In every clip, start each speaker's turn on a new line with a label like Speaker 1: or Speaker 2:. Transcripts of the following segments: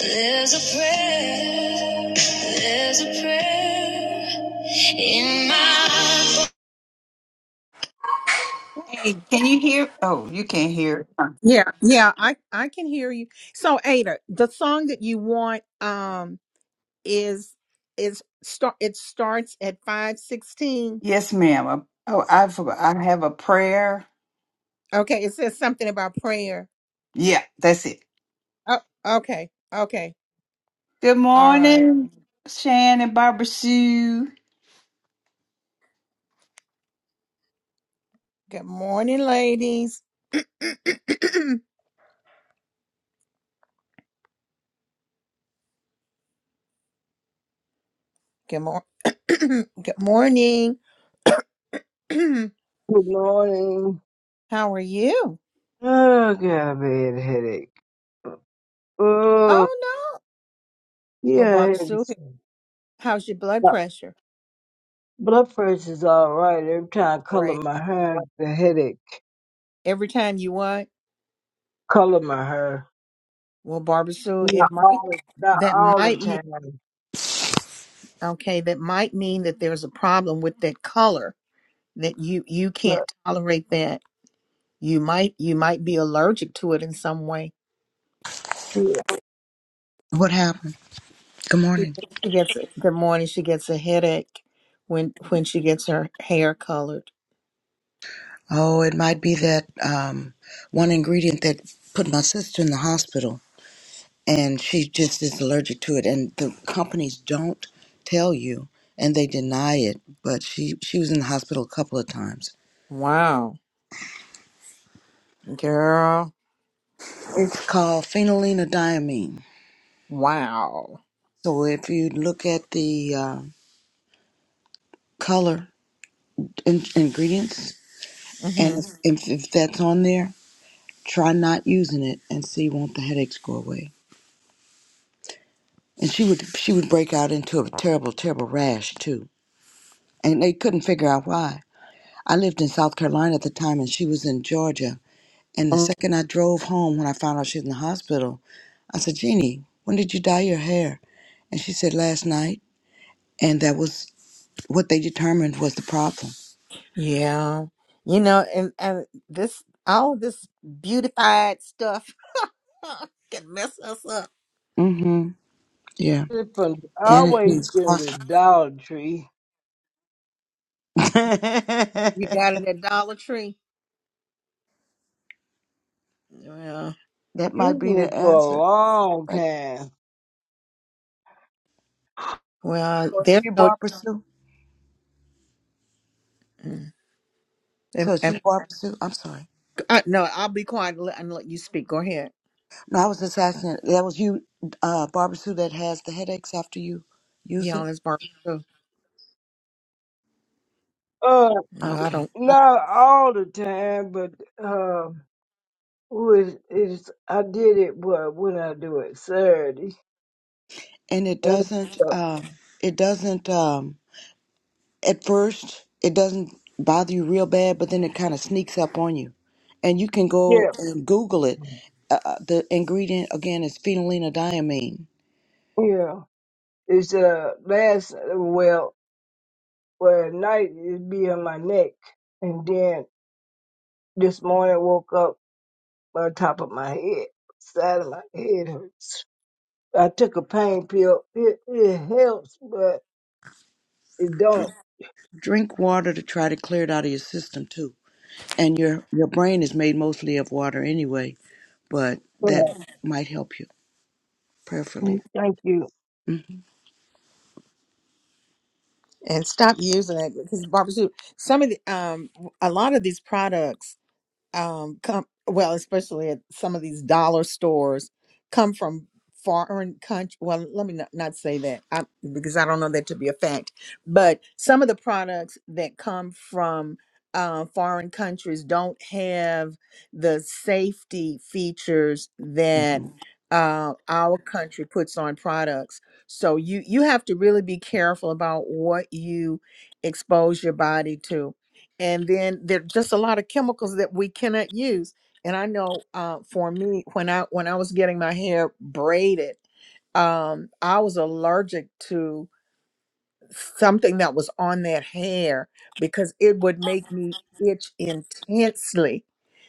Speaker 1: There's a prayer, there's a prayer in my voice. Hey, can you hear? Oh, you can't hear. Huh.
Speaker 2: Yeah, yeah, I I can hear you. So Ada, the song that you want um is is start it starts at 516.
Speaker 1: Yes, ma'am. Uh, Oh, I forgot. I have a prayer.
Speaker 2: Okay, it says something about prayer.
Speaker 1: Yeah, that's it.
Speaker 2: Oh, okay. Okay.
Speaker 1: Good
Speaker 2: All right.
Speaker 1: morning, Shan and Barbara Sue.
Speaker 2: Good morning, ladies. Good morning. Good morning.
Speaker 3: Good morning.
Speaker 2: How are you?
Speaker 3: Oh, got a bad headache. Oh,
Speaker 2: Oh no. Well,
Speaker 3: yeah, I
Speaker 2: Barbara
Speaker 3: had
Speaker 2: Sue,
Speaker 3: this-
Speaker 2: how's your blood
Speaker 3: my
Speaker 2: pressure?
Speaker 3: blood pressure's all right. Every time I color
Speaker 2: Right.
Speaker 3: my hair, the headache
Speaker 2: Every time you what?
Speaker 3: color my hair.
Speaker 2: Well, Barbara Sue, it
Speaker 3: Not
Speaker 2: might
Speaker 3: all, not
Speaker 2: that
Speaker 3: all the
Speaker 2: might be
Speaker 3: time,
Speaker 2: okay that might mean that there's a problem with that color that you you
Speaker 3: but
Speaker 2: can't tolerate that you might you might be allergic to it in some way
Speaker 3: yeah.
Speaker 4: What happened? Good
Speaker 2: she
Speaker 4: morning.
Speaker 2: gets she gets a, good morning she gets a headache when when she gets her hair colored
Speaker 4: Oh, it might be that um, one ingredient that put my sister in the hospital, and she just is allergic to it. And the companies don't tell you, and they deny it. But she she was in the hospital a couple of times.
Speaker 2: wow girl
Speaker 4: It's called phenylenediamine.
Speaker 2: wow
Speaker 4: So if you look at the uh, color in- ingredients,
Speaker 2: hmm
Speaker 4: and if, if that's on there, try not using it and see won't the headaches go away. and she would she would break out into a terrible terrible rash too and they couldn't figure out why i lived in south carolina at the time and she was in georgia and the second i drove home when i found out she was in the hospital i said jeannie when did you dye your hair and she said last night and that was what they determined was the problem
Speaker 2: yeah you know and and this all this beautified stuff can mess us up.
Speaker 4: mm-hmm yeah
Speaker 3: It's From I
Speaker 2: And
Speaker 4: Vanity
Speaker 3: always
Speaker 4: is
Speaker 3: been to
Speaker 4: cost
Speaker 3: Dollar Tree,
Speaker 2: we got it
Speaker 4: that
Speaker 2: at Dollar Tree. Well,
Speaker 4: might be
Speaker 3: usually
Speaker 4: the
Speaker 3: for a
Speaker 4: answer
Speaker 3: long
Speaker 4: right
Speaker 3: time.
Speaker 2: well,
Speaker 4: so it's
Speaker 2: there's
Speaker 4: you
Speaker 2: no.
Speaker 4: barbara sue
Speaker 2: Mm. And,
Speaker 4: so it's
Speaker 2: and
Speaker 4: you barbara sue i'm sorry
Speaker 2: I, no, I'll be quiet and let, and let you speak. Go ahead.
Speaker 4: No, I was just asking. That was you, uh, Barbara Sue, that has the headaches after you use
Speaker 2: Yeah, on
Speaker 4: it.
Speaker 2: this barbecue.
Speaker 3: Uh,
Speaker 2: No, I
Speaker 4: Okay,
Speaker 2: don't.
Speaker 3: not all the time, but uh, was is I did it well, when I do it Saturday.
Speaker 4: and it
Speaker 3: It's,
Speaker 4: doesn't.
Speaker 3: uh,
Speaker 4: Um, it doesn't. Um, at first, it doesn't bother you real bad, but then it kind of sneaks up on you, and you can
Speaker 3: yeah,
Speaker 4: go and Google it. Uh, uh, the ingredient again is phenylenediamine.
Speaker 3: yeah. It's uh last well, well at night it'd be on my neck, and then this morning I woke up on top of my head, side of my head hurts. I took a pain pill. It it helps, but it
Speaker 4: Drink,
Speaker 3: don't.
Speaker 4: drink water to try to clear it out of your system too, and your your brain is made mostly of water anyway. But that might help you prayerfully.
Speaker 3: Thank you.
Speaker 2: And stop using it because barbecue. Some of the um, a lot of these products. um, come well, especially at some of these dollar stores, come from foreign country. Well, let me not, not say that I, because I don't know that to be a fact. But some of the products that come from uh, foreign countries don't have the safety features that
Speaker 4: hmm
Speaker 2: uh, our country puts on products. So you you have to really be careful about what you expose your body to and then there's just a lot of chemicals that we cannot use and i know uh, for me when i when i was getting my hair braided um, i was allergic to something that was on that hair because it would make me itch intensely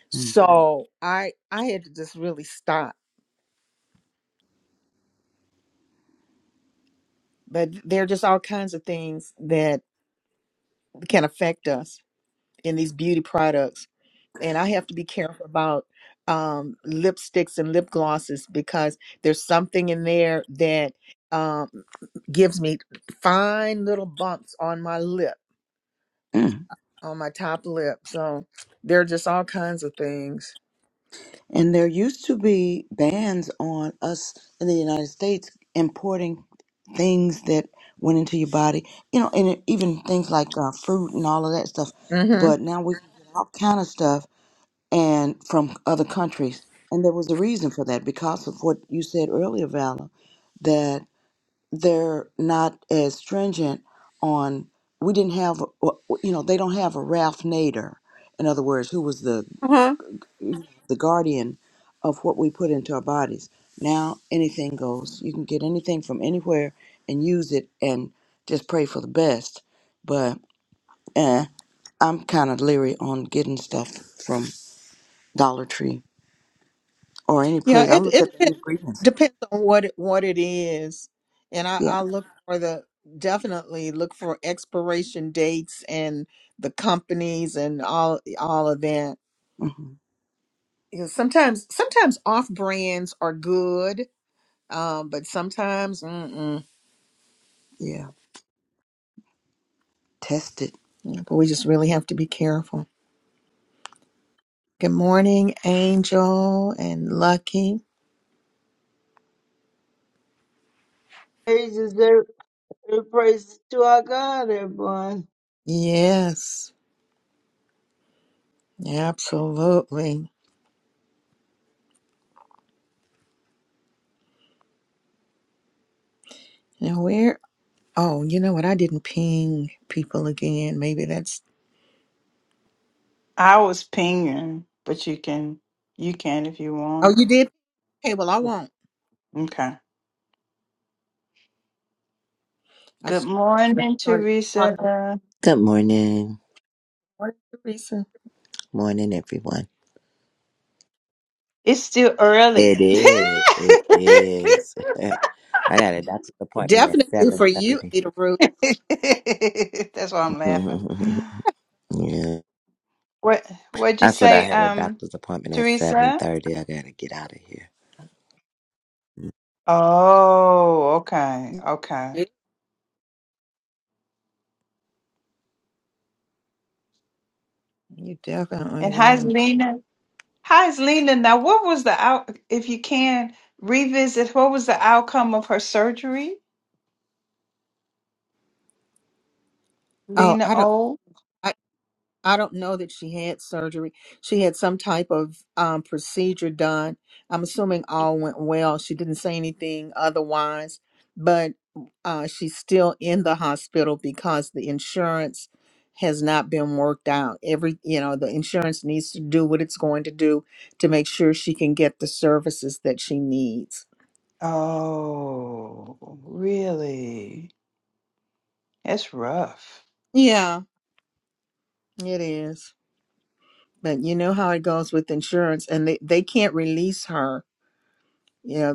Speaker 2: so i i had to just really stop but there are just all kinds of things that can affect us in these beauty products and I have to be careful about um, lipsticks and lip glosses because there's something in there that um, gives me fine little bumps on my lip,
Speaker 4: Mm.
Speaker 2: on my top lip. So there are just all kinds of things.
Speaker 4: And there used to be bans on us in the United States importing things that went into your body, you know, and it, even things like uh, fruit and all of that stuff.
Speaker 2: hmm
Speaker 4: But now we can get all kind of stuff and from other countries. And there was a reason for that because of what you said earlier, Vala, that they're not as stringent on. We didn't have, a- you know, they don't have a Ralph Nader, in other words, who was the
Speaker 2: Uh-huh.
Speaker 4: the guardian of what we put into our bodies. Now anything goes. You can get anything from anywhere and use it and just pray for the best. But eh, I'm kind of leery on getting stuff from Dollar Tree or any
Speaker 2: Yeah,
Speaker 4: place. I
Speaker 2: it
Speaker 4: look
Speaker 2: it
Speaker 4: at the
Speaker 2: depends,
Speaker 4: ingredients.
Speaker 2: depends on what it, what it is, and I
Speaker 4: Yeah.
Speaker 2: I look for the definitely look for expiration dates and the companies and all all of that.
Speaker 4: hmm
Speaker 2: you sometimes sometimes off brands are good, um, but sometimes mm-mm.
Speaker 4: Yeah. Test it.
Speaker 2: but we just really have to be careful. Good morning, Angel and Lucky.
Speaker 3: Praises, there, there praises to our God, everyone.
Speaker 2: Yes, absolutely. Now where? Oh, you know what? I didn't ping people again. Maybe that's.
Speaker 1: I was pinging, but you can, you can if you
Speaker 2: Oh,
Speaker 1: want.
Speaker 2: you did. Okay, well I won't.
Speaker 1: Okay.
Speaker 2: I
Speaker 1: Good morning,
Speaker 2: started talking.
Speaker 1: Teresa.
Speaker 5: Good morning.
Speaker 2: Morning, Teresa.
Speaker 5: Morning, everyone.
Speaker 1: It's still
Speaker 5: It
Speaker 1: early.
Speaker 5: is. It is. I got a doctor's appointment at
Speaker 2: Definitely for you,
Speaker 5: 7.30.
Speaker 2: Ada Ruth.
Speaker 1: That's why I'm laughing.
Speaker 5: yeah.
Speaker 1: What what'd you
Speaker 5: That's what I
Speaker 1: say,
Speaker 5: had a
Speaker 1: um,
Speaker 5: doctor's appointment at
Speaker 1: Teresa?
Speaker 5: 7.30. I got to get out of here.
Speaker 1: Oh, okay, okay.
Speaker 2: You definitely
Speaker 1: And how's
Speaker 2: do.
Speaker 1: Lena? How's Lena now? What was the out if you can revisit, what was the outcome of her surgery?
Speaker 2: Oh,
Speaker 1: Lena
Speaker 2: I don't.
Speaker 1: O?
Speaker 2: I don't know that she had surgery. She had some type of um, procedure done. I'm assuming all went well. She didn't say anything otherwise, but uh, she's still in the hospital because the insurance has not been worked out. Every, you know, the insurance needs to do what it's going to do to make sure she can get the services that she needs.
Speaker 1: Oh, really? That's rough.
Speaker 2: Yeah, it is. But you know how it goes with insurance, and they, they can't release her. Yeah,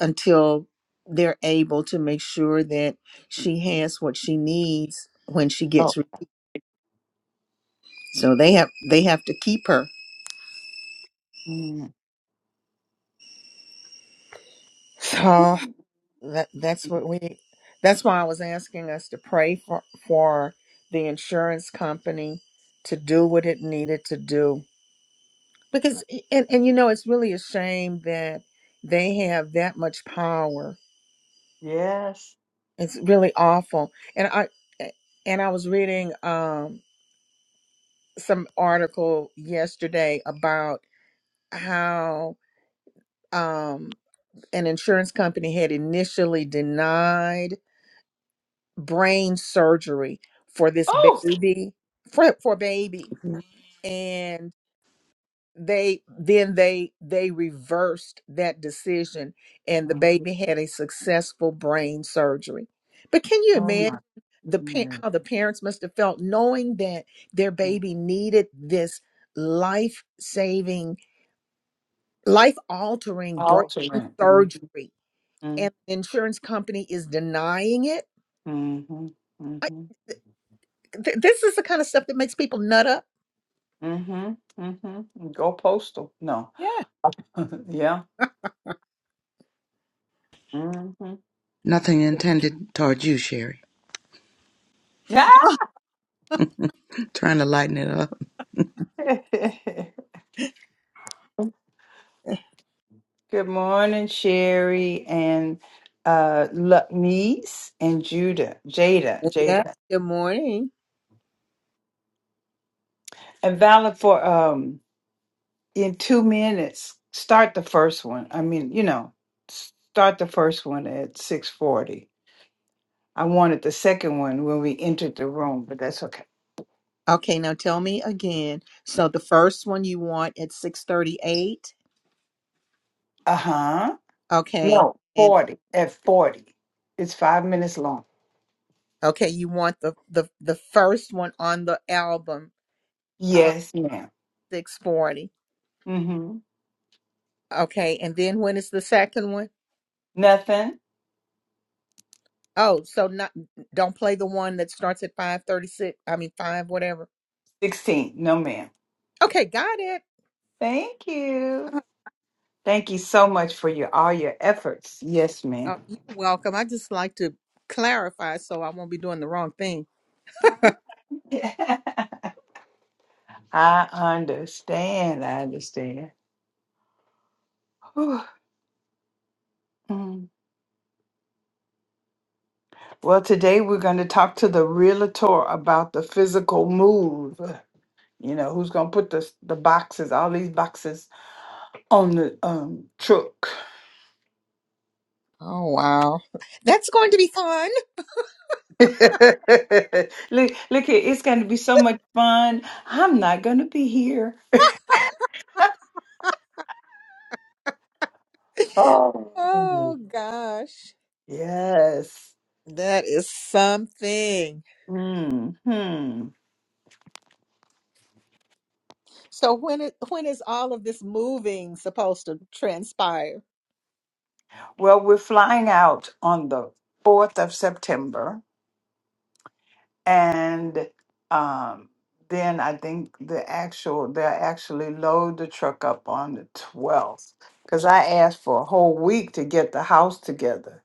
Speaker 2: until they're able to make sure that she has what she needs when she
Speaker 1: Oh.
Speaker 2: gets re- so they have they have to keep her
Speaker 1: mm.
Speaker 2: So that that's what we that's why I was asking us to pray for for the insurance company to do what it needed to do because and and you know it's really a shame that they have that much power.
Speaker 1: Yes.
Speaker 2: It's really awful. And I and I was reading um. some article yesterday about how um, an insurance company had initially denied brain surgery for this
Speaker 1: Oh.
Speaker 2: baby for for baby
Speaker 4: Mm-hmm.
Speaker 2: and they then they they reversed that decision and the baby had a successful brain surgery but can you
Speaker 1: Oh my
Speaker 2: imagine the pa-
Speaker 1: goodness.
Speaker 2: how the parents must have felt knowing that their
Speaker 1: Mm.
Speaker 2: baby needed this life-saving life altering brain
Speaker 1: Altering. Mm-hmm.
Speaker 2: surgery and the insurance company is denying it.
Speaker 1: Mm-hmm.
Speaker 2: I,
Speaker 1: Mm-hmm.
Speaker 2: th- this is the kind of stuff that makes people nut up.
Speaker 1: Mm-hmm. Mm-hmm. Go postal. No.
Speaker 2: Yeah.
Speaker 1: yeah. Mm-hmm.
Speaker 4: Nothing intended toward you, Sherry. Trying to lighten it up.
Speaker 1: Good morning, Sherry and uh Luckneese and Judah. Jada.
Speaker 2: Yeah.
Speaker 1: Jada.
Speaker 2: Good morning.
Speaker 1: And valid for um in two minutes. Start the first one. I mean, you know, start the first one at six forty. I wanted the second one when we entered the room, but that's okay.
Speaker 2: Okay, now tell me again. So the first one you want at 638.
Speaker 1: Uh huh.
Speaker 2: Okay.
Speaker 1: No,
Speaker 2: And
Speaker 1: 40. At 40. It's five minutes long.
Speaker 2: Okay, you want the the the first one on the album, uh,
Speaker 1: Yes, ma'am.
Speaker 2: six forty.
Speaker 1: Mm hmm.
Speaker 2: Okay, and then when is the second one?
Speaker 1: Nothing.
Speaker 2: Oh, so not don't play the one that starts at five thirty six. I mean five whatever.
Speaker 1: 16. No, ma'am.
Speaker 2: Okay, got it.
Speaker 1: Thank you.
Speaker 2: Uh,
Speaker 1: Thank you so much for your all your efforts. Yes, ma'am.
Speaker 2: uh, you're welcome. I just like to clarify so I won't be doing the wrong thing.
Speaker 1: I understand. I understand. Whew. Mm. Well, today we're going to talk to the realtor about the physical move. You know, who's gonna put the the boxes, all these boxes on the um truck?
Speaker 2: Oh, wow. That's going to be fun.
Speaker 1: look, look here, it's gonna be so much fun. I'm not gonna be here. Oh
Speaker 2: Oh, gosh.
Speaker 1: yes.
Speaker 2: That is something.
Speaker 1: Hmm.
Speaker 2: So when it, when is all of this moving supposed to transpire?
Speaker 1: Well, we're flying out on the fourth of September. and um, then I think the actual they'll actually load the truck up on the twelfth because I asked for a whole week to get the house together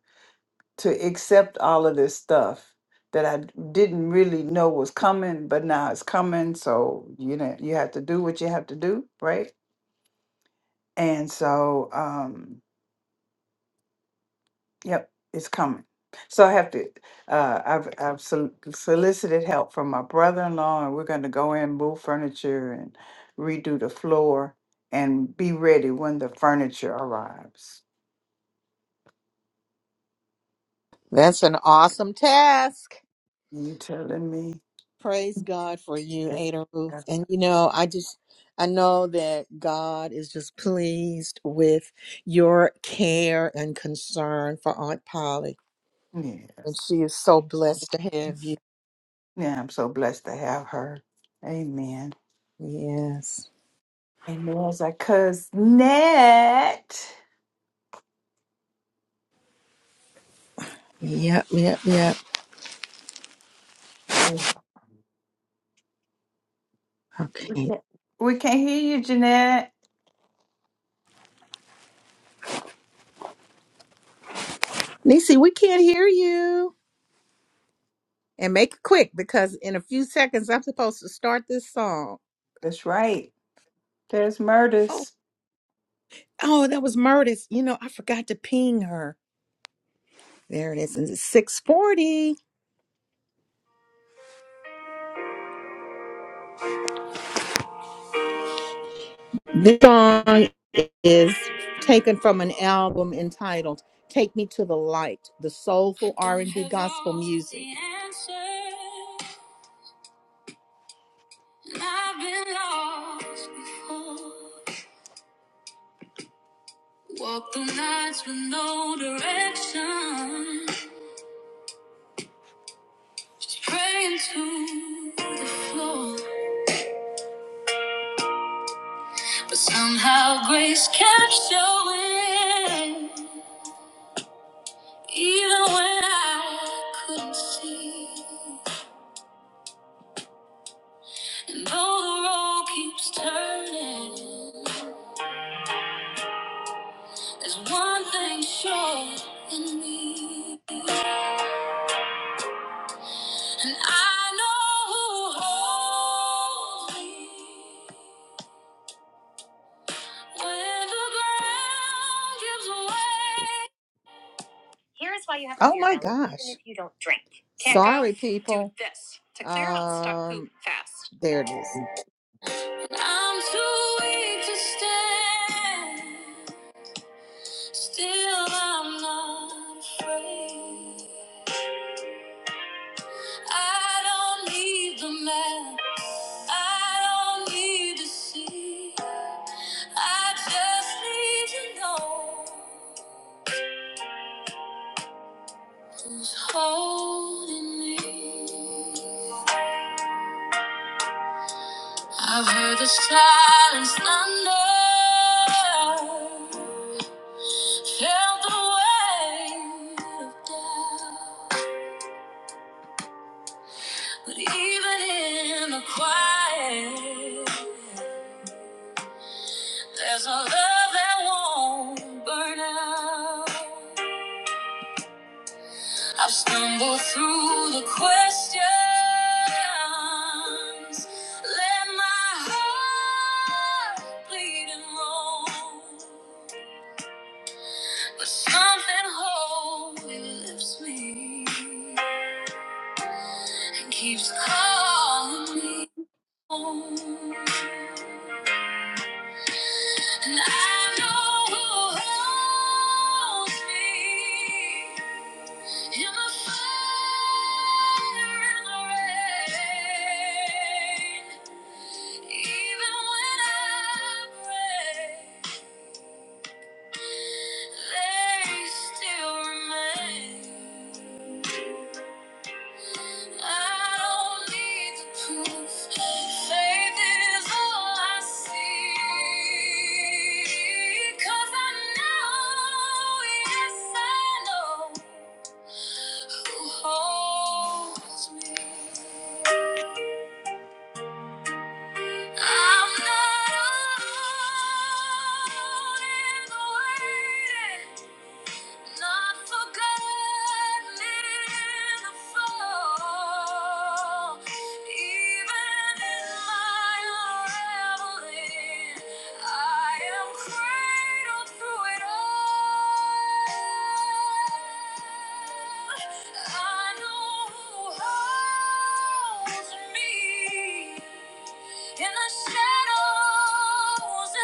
Speaker 1: to accept all of this stuff that I didn't really know was coming, but now it's coming. So you know you have to do what you have to do, right? And so. Um, Yep, it's coming. So I have to. Uh, I've I've sol- solicited help from my brother-in-law, and we're going to go in, move furniture, and redo the floor, and be ready when the furniture arrives.
Speaker 2: That's an awesome task.
Speaker 1: You telling me?
Speaker 2: Praise God for you, Ada
Speaker 1: Yeah.
Speaker 2: Ruth. And you know, I just I know that God is just pleased with your care and concern for Aunt Polly. And
Speaker 1: Yes.
Speaker 2: she is so blessed to have you.
Speaker 1: Yeah, I'm so blessed to have her. Amen.
Speaker 2: Yes.
Speaker 1: And there's our cousin Jeanette.
Speaker 2: Yep, yep, yep.
Speaker 1: Mm.
Speaker 2: Okay.
Speaker 1: We can't hear you, Jeanette.
Speaker 2: Nisi, we can't hear you. And make it quick because in a few seconds I'm supposed to start this song.
Speaker 1: That's right. There's murders.
Speaker 2: Oh, oh, that was Murtis. You know, I forgot to ping her. There it is. And it's 640. This song is taken from an album entitled "Take Me to the Light," the soulful R&B gospel music. Walk the nights with no direction, just praying to the floor. But somehow grace kept showing, even when I couldn't see. And though the road keeps turning, there's one thing sure in me. And I know who holds me when the ground gives way. Here's why you have to Oh my careful, gosh. even If you don't drink. Can't go? Sorry, people. Do this to clear out stuck poop Um, fast. There it is. I'm too weak to stand. Still, I'm not afraid. I don't need the map. I don't need to see. I just need to know who's holding me. I've heard the silence thunder, felt the weight of doubt. But even in the quiet, there's a love that won't burn out. I've stumbled through the questions. Let my heart bleed and roam. But something holy lifts me and keeps calling me home. And I know who holds me in the fire and the rain. Even when I break, they still remain. I don't need the proof. Faith is all I see. 'Cause I know, yes, I know who holds me. I'm not alone in waiting. Not forgotten in the fall. Even in my unraveling, I am cradled through it all. I know who holds me in the shadows of the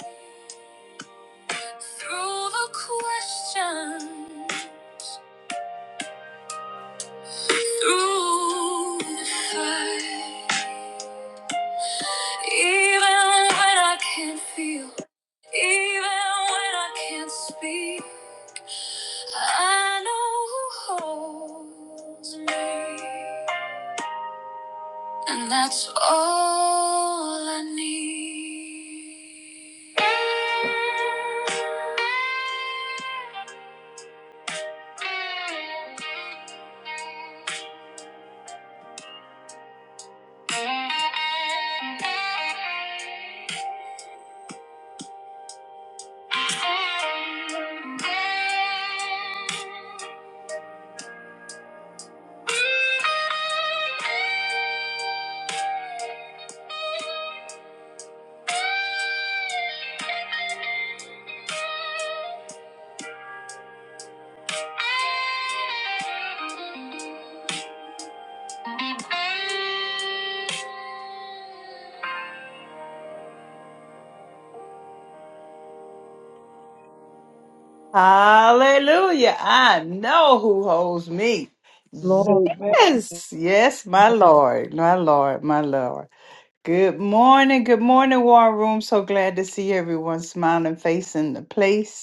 Speaker 2: light. Through the questions, through the fight, even when I can't feel, even when I can't speak, I know who holds me, and that's all I need.
Speaker 1: Hallelujah. I know who holds me.
Speaker 2: Lord.
Speaker 3: Amen.
Speaker 1: Yes. Yes, my Lord. My Lord. My Lord. Good morning. Good morning, War Room. So glad to see everyone smiling face in the place.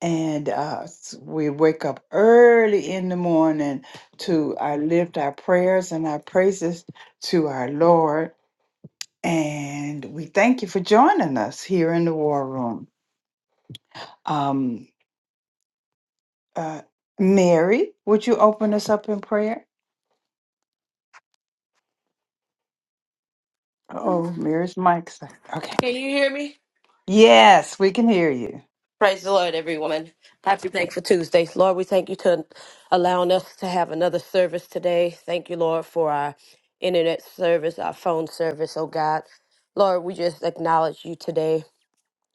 Speaker 1: and uh, s- we wake up early in the morning to uh, lift our prayers and our praises to our Lord. And we thank you for joining us here in the war room. Um, uh, Mary, would you open us up in prayer? Oh, Mary's mic's okay.
Speaker 6: Can you hear me?
Speaker 1: Yes, we can hear you.
Speaker 6: Praise the Lord, everyone. Happy Thankful Tuesday. Lord, we thank you to allowing us to have another service today. Thank you, Lord, for our internet service, our phone service, oh God. Lord, we just acknowledge you today.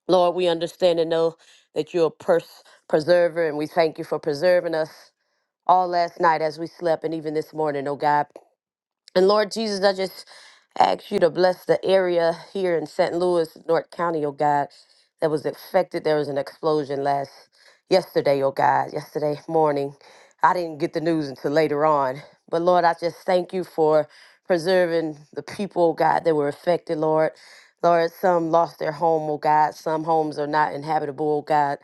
Speaker 6: Lord, we understand and know that you're a pers- preserver, and we thank you for preserving us all last night as we slept and even this morning, oh God. And Lord Jesus, I just ask you to bless the area here in St. Louis, North County, oh God, that was affected. There was an explosion last yesterday, oh God, yesterday morning. I didn't get the news until later on. But Lord, I just thank you for preserving the people, oh God, that were affected, Lord. Lord, some lost their home, oh God. Some homes are not inhabitable, oh God.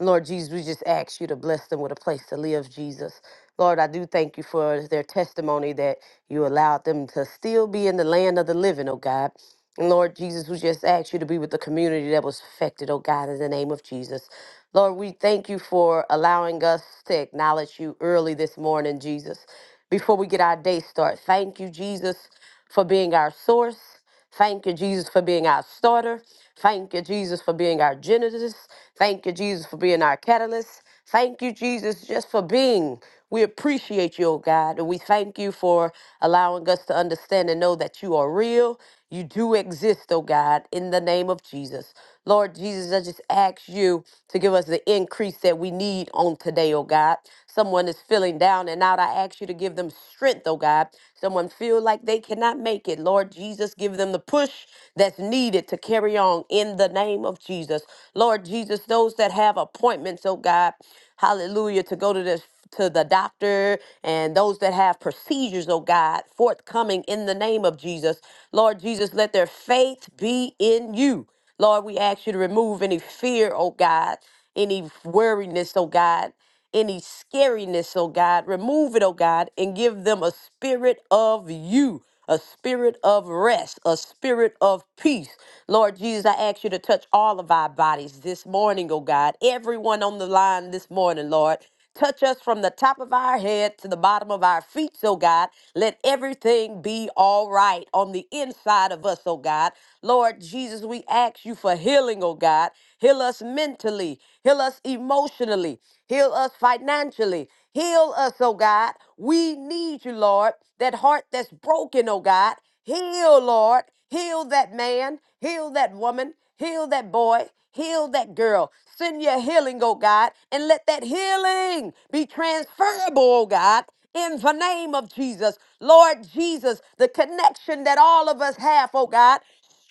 Speaker 6: Lord Jesus, we just ask you to bless them with a place to live, Jesus. Lord, I do thank you for their testimony that you allowed them to still be in the land of the living, oh God. And Lord Jesus, we just ask you to be with the community that was affected, oh God, in the name of Jesus. Lord, we thank you for allowing us to acknowledge you early this morning, Jesus. Before we get our day started, thank you, Jesus, for being our source. Thank you, Jesus, for being our starter. Thank you, Jesus, for being our genesis. Thank you, Jesus, for being our catalyst. Thank you, Jesus, just for being. We appreciate you, oh God, and we thank you for allowing us to understand and know that you are real. You do exist, oh God, in the name of Jesus. Lord Jesus, I just ask you to give us the increase that we need on today, oh God. Someone is feeling down and out. I ask you to give them strength, oh God. Someone feel like they cannot make it. Lord Jesus, give them the push that's needed to carry on in the name of Jesus. Lord Jesus, those that have appointments, oh God, hallelujah, to go to this to the doctor and those that have procedures, oh God, forthcoming in the name of Jesus. Lord Jesus, let their faith be in you. Lord, we ask you to remove any fear, oh God, any worriness, oh God, any scariness, oh God. Remove it, oh God, and give them a spirit of you, a spirit of rest, a spirit of peace. Lord Jesus, I ask you to touch all of our bodies this morning, oh God. Everyone on the line this morning, Lord. Touch us from the top of our head to the bottom of our feet, oh God. Let everything be all right on the inside of us, oh God. Lord Jesus, we ask you for healing, oh God. Heal us mentally, heal us emotionally, heal us financially, heal us, oh God. We need you, Lord. That heart that's broken, oh God. Heal, Lord. Heal that man. Heal that woman. Heal that boy. Heal that girl. Send your healing, oh God, and let that healing be transferable, oh God, in the name of Jesus. Lord Jesus, the connection that all of us have, oh God,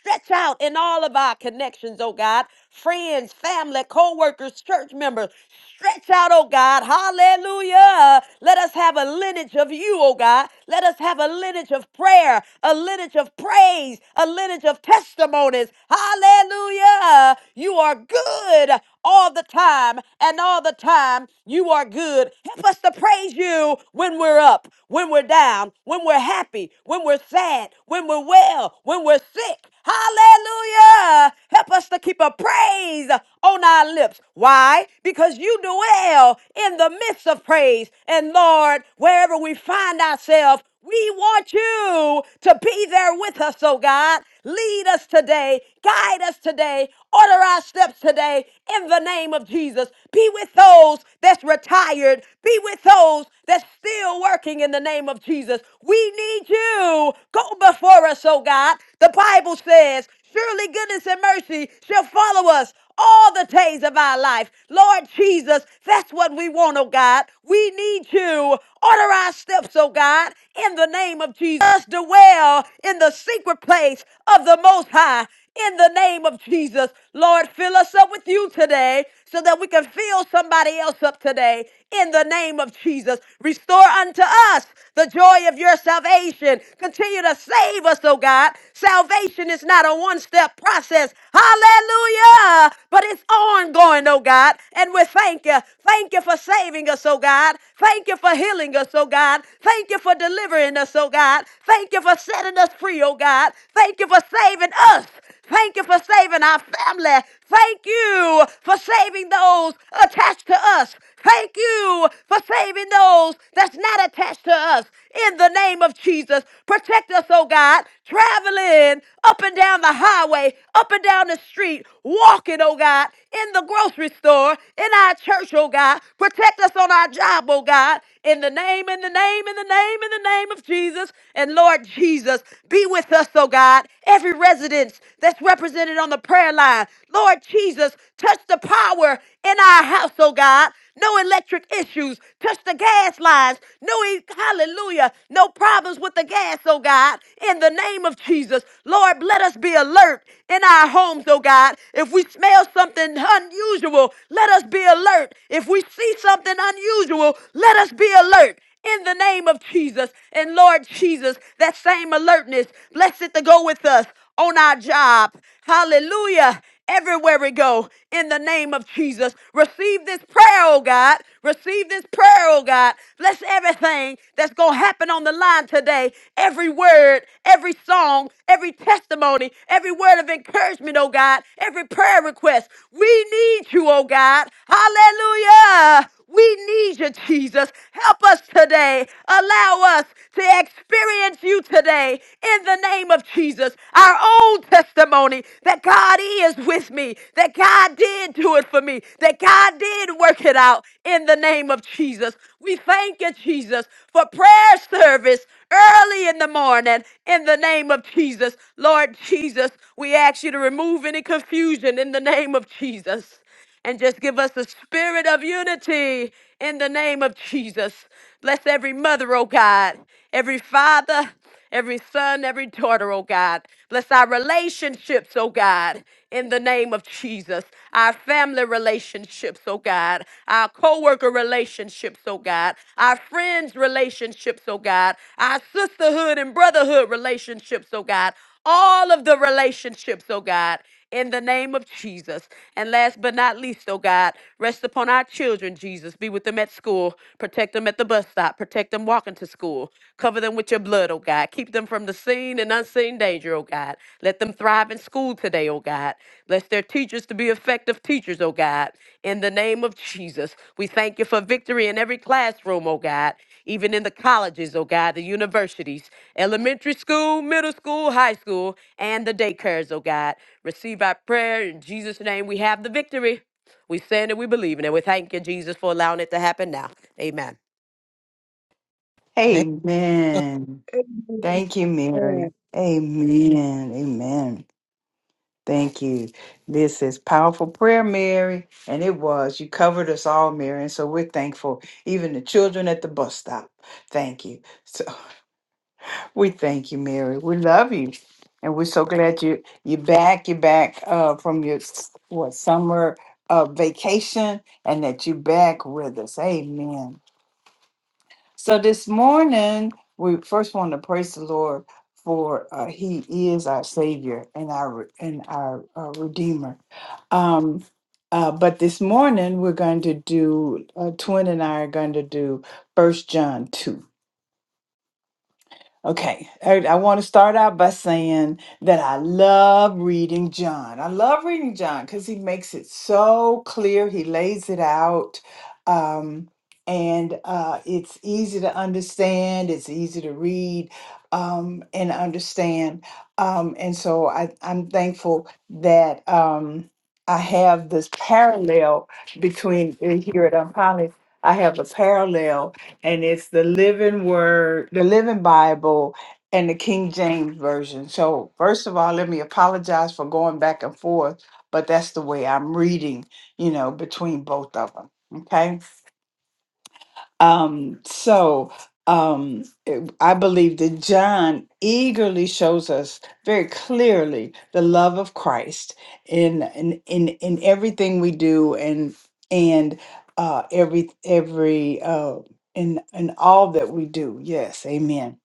Speaker 6: stretch out in all of our connections, oh God. Friends, family, co workers, church members, stretch out, oh God. Hallelujah. Let us have a lineage of you, oh God. Let us have a lineage of prayer, a lineage of praise, a lineage of testimonies, is. Hallelujah. You are good all the time, and all the time you are good. Help us to praise you when we're up, when we're down, when we're happy, when we're sad, when we're well, when we're sick. Hallelujah. Help us to keep a praise on our lips. Why? Because you dwell in the midst of praise. And Lord, wherever we find ourselves, we want you to be there with us, oh God. Lead us today, guide us today, order our steps today in the name of Jesus. Be with those that's retired, be with those that's still working in the name of Jesus. We need you. Go before us, oh God. The Bible says, Surely goodness and mercy shall follow us all the days of our life. Lord Jesus, that's what we want, oh God. We need you. Order our steps, oh God, in the name of Jesus. Let Us dwell in the secret place of the Most High. In the name of Jesus, Lord, fill us up with you today so that we can fill somebody else up today. In the name of Jesus, restore unto us the joy of your salvation. Continue to save us, oh God. Salvation is not not a one step process. Hallelujah. But it's ongoing, oh God. And we thank you. Thank you for saving us, oh God. Thank you for healing us, oh God. Thank you for delivering us, oh God. Thank you for setting us free, oh God. Thank you for saving us. Thank you for saving our family. Thank you for saving those attached to us. Thank you for saving those that's not attached to us. In the name of Jesus, protect us, oh God, traveling up and down the highway, up and down the street, walking, oh God, in the grocery store, in our church, oh God. Protect us on our job, oh God. In the name, in the name, in the name, in the name of Jesus. And Lord Jesus, be with us, oh God, every residence that's represented on the prayer line. Lord Jesus, touch the power in our house, oh God. No electric issues. Touch the gas lines. No, e- hallelujah. No problems with the gas, oh God. In the name of Jesus, Lord, let us be alert in our homes, oh God. If we smell something unusual, let us be alert. If we see something unusual, let us be alert in the name of Jesus. And Lord Jesus, that same alertness, blessed to go with us on our job. Hallelujah. Everywhere we go, in the name of Jesus, receive this prayer, oh God. Receive this prayer, oh God. Bless everything that's going to happen on the line today. Every word, every song, every testimony, every word of encouragement, oh God. Every prayer request. We need you, oh God. Hallelujah. We need you, Jesus. Help us today. Allow us to experience you today in the name of Jesus. Our own testimony that God is with me, that God did do it for me, that God did work it out in the name of Jesus. We thank you, Jesus, for prayer service early in the morning in the name of Jesus. Lord Jesus, we ask you to remove any confusion in the name of Jesus and just give us the spirit of unity in the name of Jesus. Bless every mother, oh God, every father, every son, every daughter, oh God. Bless our relationships, oh God, in the name of Jesus. Our family relationships, oh God. Our co worker relationships, oh God. Our friends' relationships, oh God. Our sisterhood and brotherhood relationships, oh God all of the relationships, oh God, in the name of Jesus. And last but not least, oh God, rest upon our children, Jesus. Be with them at school. Protect them at the bus stop. Protect them walking to school. Cover them with your blood, oh God. Keep them from the seen and unseen danger, oh God. Let them thrive in school today, oh God. Bless their teachers to be effective effective teachers, oh God, in the name of Jesus. We thank you for victory in every classroom, oh God, even in the colleges, oh God, the universities, elementary school, middle school, high school, and the daycares, oh God. Receive our prayer. In Jesus' name, we have the victory. We stand and we believe in it. We thank you, Jesus, for allowing it to happen now. Amen.
Speaker 2: Hey,
Speaker 1: Amen. Thank you,
Speaker 3: Amen.
Speaker 1: Mary. Amen. Amen. Thank you. This is powerful prayer, Mary. And it was. You covered us all, Mary. And so we're thankful. Even the children at the bus stop. Thank you. So we thank you, Mary. We love you. And we're so glad you you back. You're back uh, from your s- what summer uh, vacation and that you back with us. Amen. So this morning, we first want to praise the Lord for uh, He is our Savior and our and our uh, Redeemer. Um, uh, but this morning, we're going to do. Uh, Twin and I are going to do First John two. Okay, I, I want to start out by saying that I love reading John. I love reading John because he makes it so clear. He lays it out, um, and uh, it's easy to understand. It's easy to read um, and understand. Um, and so I, I'm thankful that um, I have this parallel between uh, here at Unpolished. I have a parallel and it's the Living Word, the Living Bible, and the King James Version. So, first of all, let me apologize for going back and forth, but that's the way I'm reading, you know, between both of them. Okay. Um, so um, it- I believe that John eagerly shows us very clearly the love of Christ in in in, in everything we do and and uh, every every uh, in in all that we do. Yes, Amen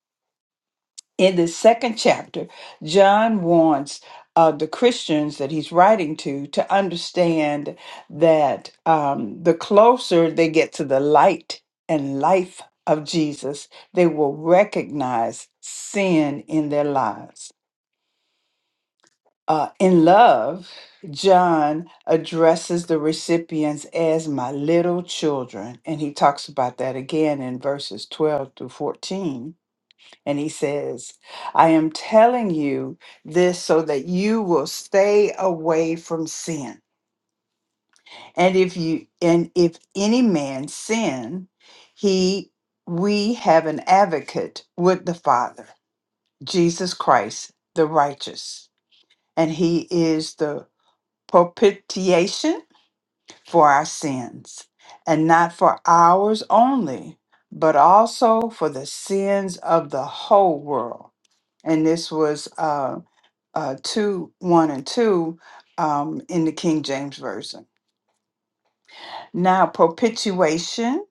Speaker 1: in the second chapter, John wants uh, the Christians that he's writing to to understand that um, the closer they get to the light and life of Jesus, they will recognize sin in their lives. Uh, in love, John addresses the recipients as my little children, and he talks about that again in verses 12 through 14 and he says, I am telling you this so that you will stay away from sin. And if you and if any man sin, he we have an advocate with the Father, Jesus Christ, the righteous. And he is the propitiation for our sins, and not for ours only, but also for the sins of the whole world. And this was uh, uh, 2 1 and 2 um, in the King James Version. Now, propitiation,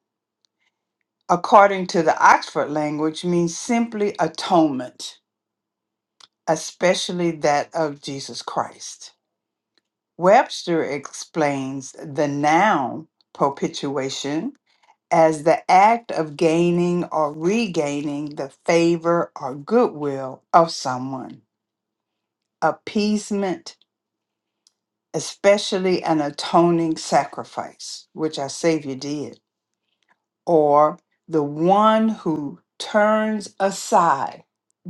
Speaker 1: according to the Oxford language, means simply atonement, especially that of Jesus Christ. Webster explains the noun propitiation as the act of gaining or regaining the favor or goodwill of someone, appeasement especially an atoning sacrifice, which our Savior did, or the one who turns aside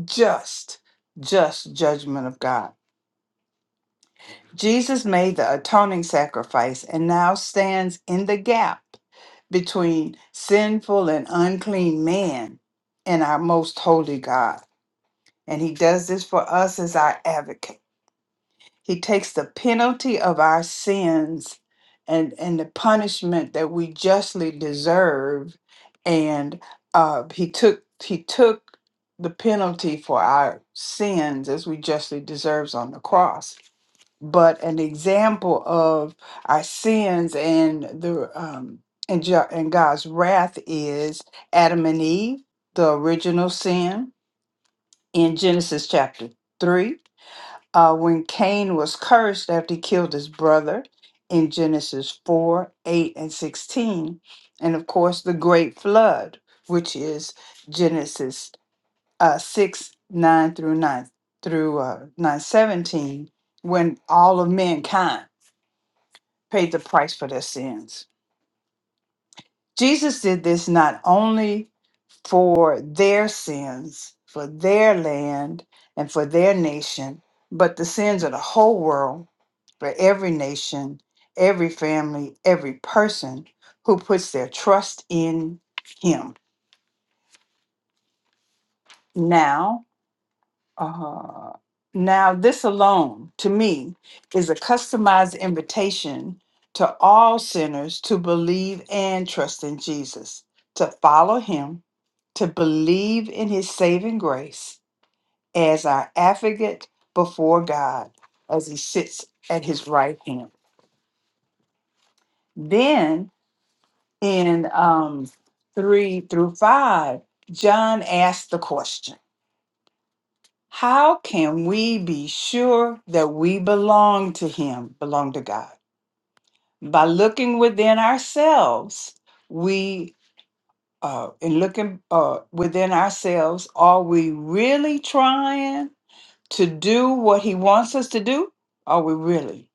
Speaker 1: just, just judgment of God. Jesus made the atoning sacrifice and now stands in the gap between sinful and unclean man and our most holy God. And he does this for us as our advocate. He takes the penalty of our sins and, and the punishment that we justly deserve. And uh, he took he took the penalty for our sins as we justly deserves on the cross. But an example of our sins and the um, and, Jo- and God's wrath is Adam and Eve, the original sin in Genesis chapter three uh, when Cain was cursed after he killed his brother in Genesis 4 8 and 16. And of course, the great flood, which is Genesis uh, 6 9 through 9 through uh, 9 seventeen, when all of mankind paid the price for their sins. Jesus did this not only for their sins, for their land, and for their nation, but the sins of the whole world for every nation, every family, every person who puts their trust in Him. Now, uh, now this alone to me is a customized invitation to all sinners to believe and trust in Jesus, to follow Him, to believe in His saving grace as our advocate before God as He sits at His right hand. Then in um, 3 through 5, John asked the question How can we be sure that we belong to Him, belong to God? By looking within ourselves, we, uh, in looking uh, within ourselves, are we really trying to do what He wants us to do? Are we really?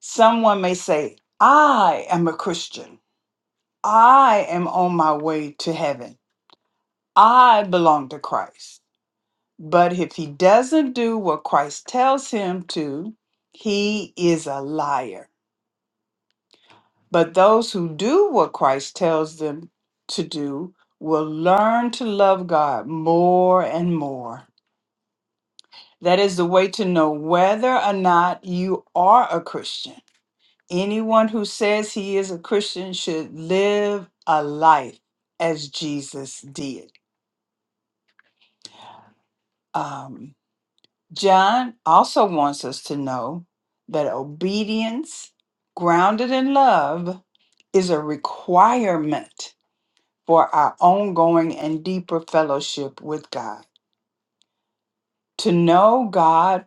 Speaker 1: Someone may say, I am a Christian. I am on my way to heaven. I belong to Christ. But if he doesn't do what Christ tells him to, he is a liar. But those who do what Christ tells them to do will learn to love God more and more. That is the way to know whether or not you are a Christian. Anyone who says he is a Christian should live a life as Jesus did. Um. John also wants us to know that obedience, grounded in love, is a requirement for our ongoing and deeper fellowship with God. To know God,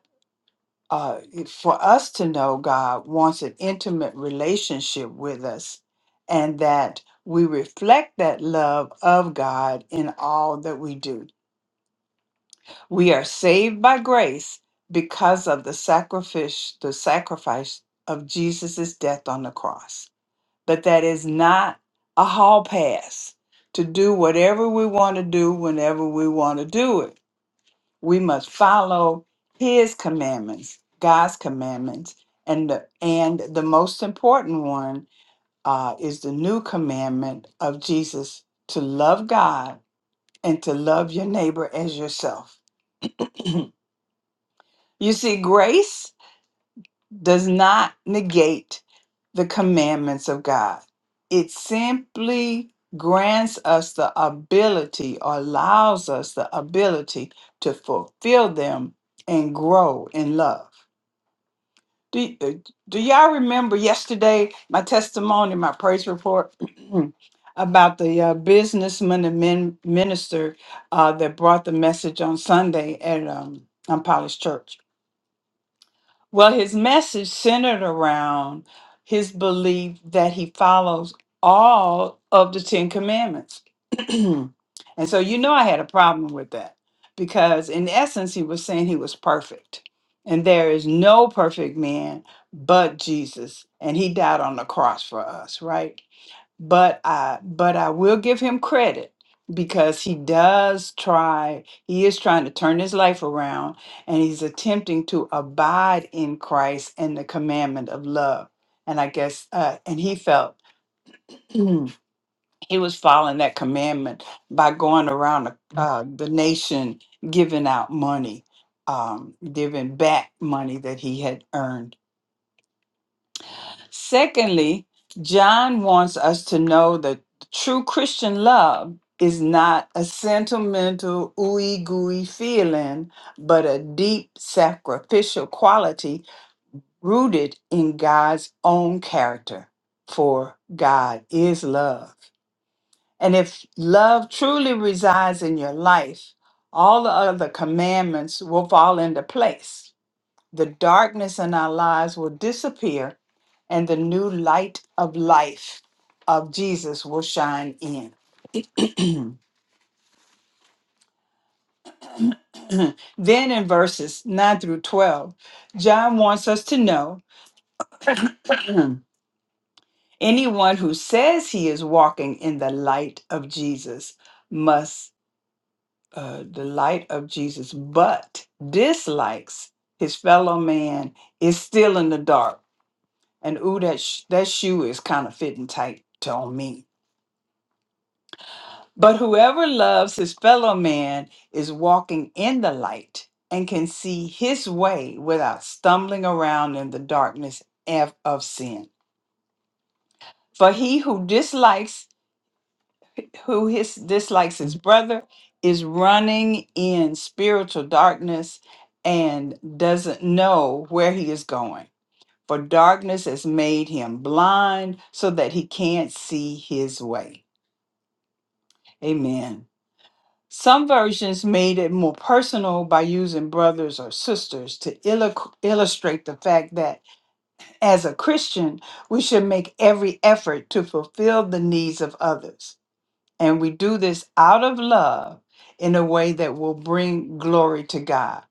Speaker 1: uh, for us to know God, wants an intimate relationship with us, and that we reflect that love of God in all that we do. We are saved by grace because of the sacrifice, the sacrifice of Jesus' death on the cross. But that is not a hall pass to do whatever we want to do whenever we want to do it. We must follow his commandments, God's commandments, and the, and the most important one uh, is the new commandment of Jesus to love God and to love your neighbor as yourself. You see, grace does not negate the commandments of God. It simply grants us the ability or allows us the ability to fulfill them and grow in love. Do, y- uh, do y'all remember yesterday my testimony, my praise report about the uh, businessman and min- minister uh, that brought the message on Sunday at um, Unpolished Church? Well, his message centered around his belief that he follows all of the Ten Commandments. and so, you know, I had a problem with that because, in essence, he was saying he was perfect. And there is no perfect man but Jesus. And he died on the cross for us, right? but I but I will give him credit because he does try he is trying to turn his life around and he's attempting to abide in Christ and the commandment of love and I guess uh, and he felt he was following that commandment by going around the, uh, the nation giving out money um, giving back money that he had earned Secondly, John wants us to know that true Christian love is not a sentimental, ooey gooey feeling, but a deep sacrificial quality rooted in God's own character. For God is love. And if love truly resides in your life, all the other commandments will fall into place. The darkness in our lives will disappear, and the new light of life of Jesus will shine in. then in verses 9 through 12, John wants us to know anyone who says he is walking in the light of Jesus must, uh, the light of Jesus, but dislikes his fellow man is still in the dark. And ooh, that, sh- that shoe is kind of fitting tight on me. But whoever loves his fellow man is walking in the light and can see his way without stumbling around in the darkness of of sin. For he who dislikes who his dislikes his brother is running in spiritual darkness and doesn't know where he is going. For darkness has made him blind so that he can't see his way. Amen. Some versions made it more personal by using brothers or sisters to illu- illustrate the fact that, as a Christian, we should make every effort to fulfill the needs of others. And we do this out of love in a way that will bring glory to God.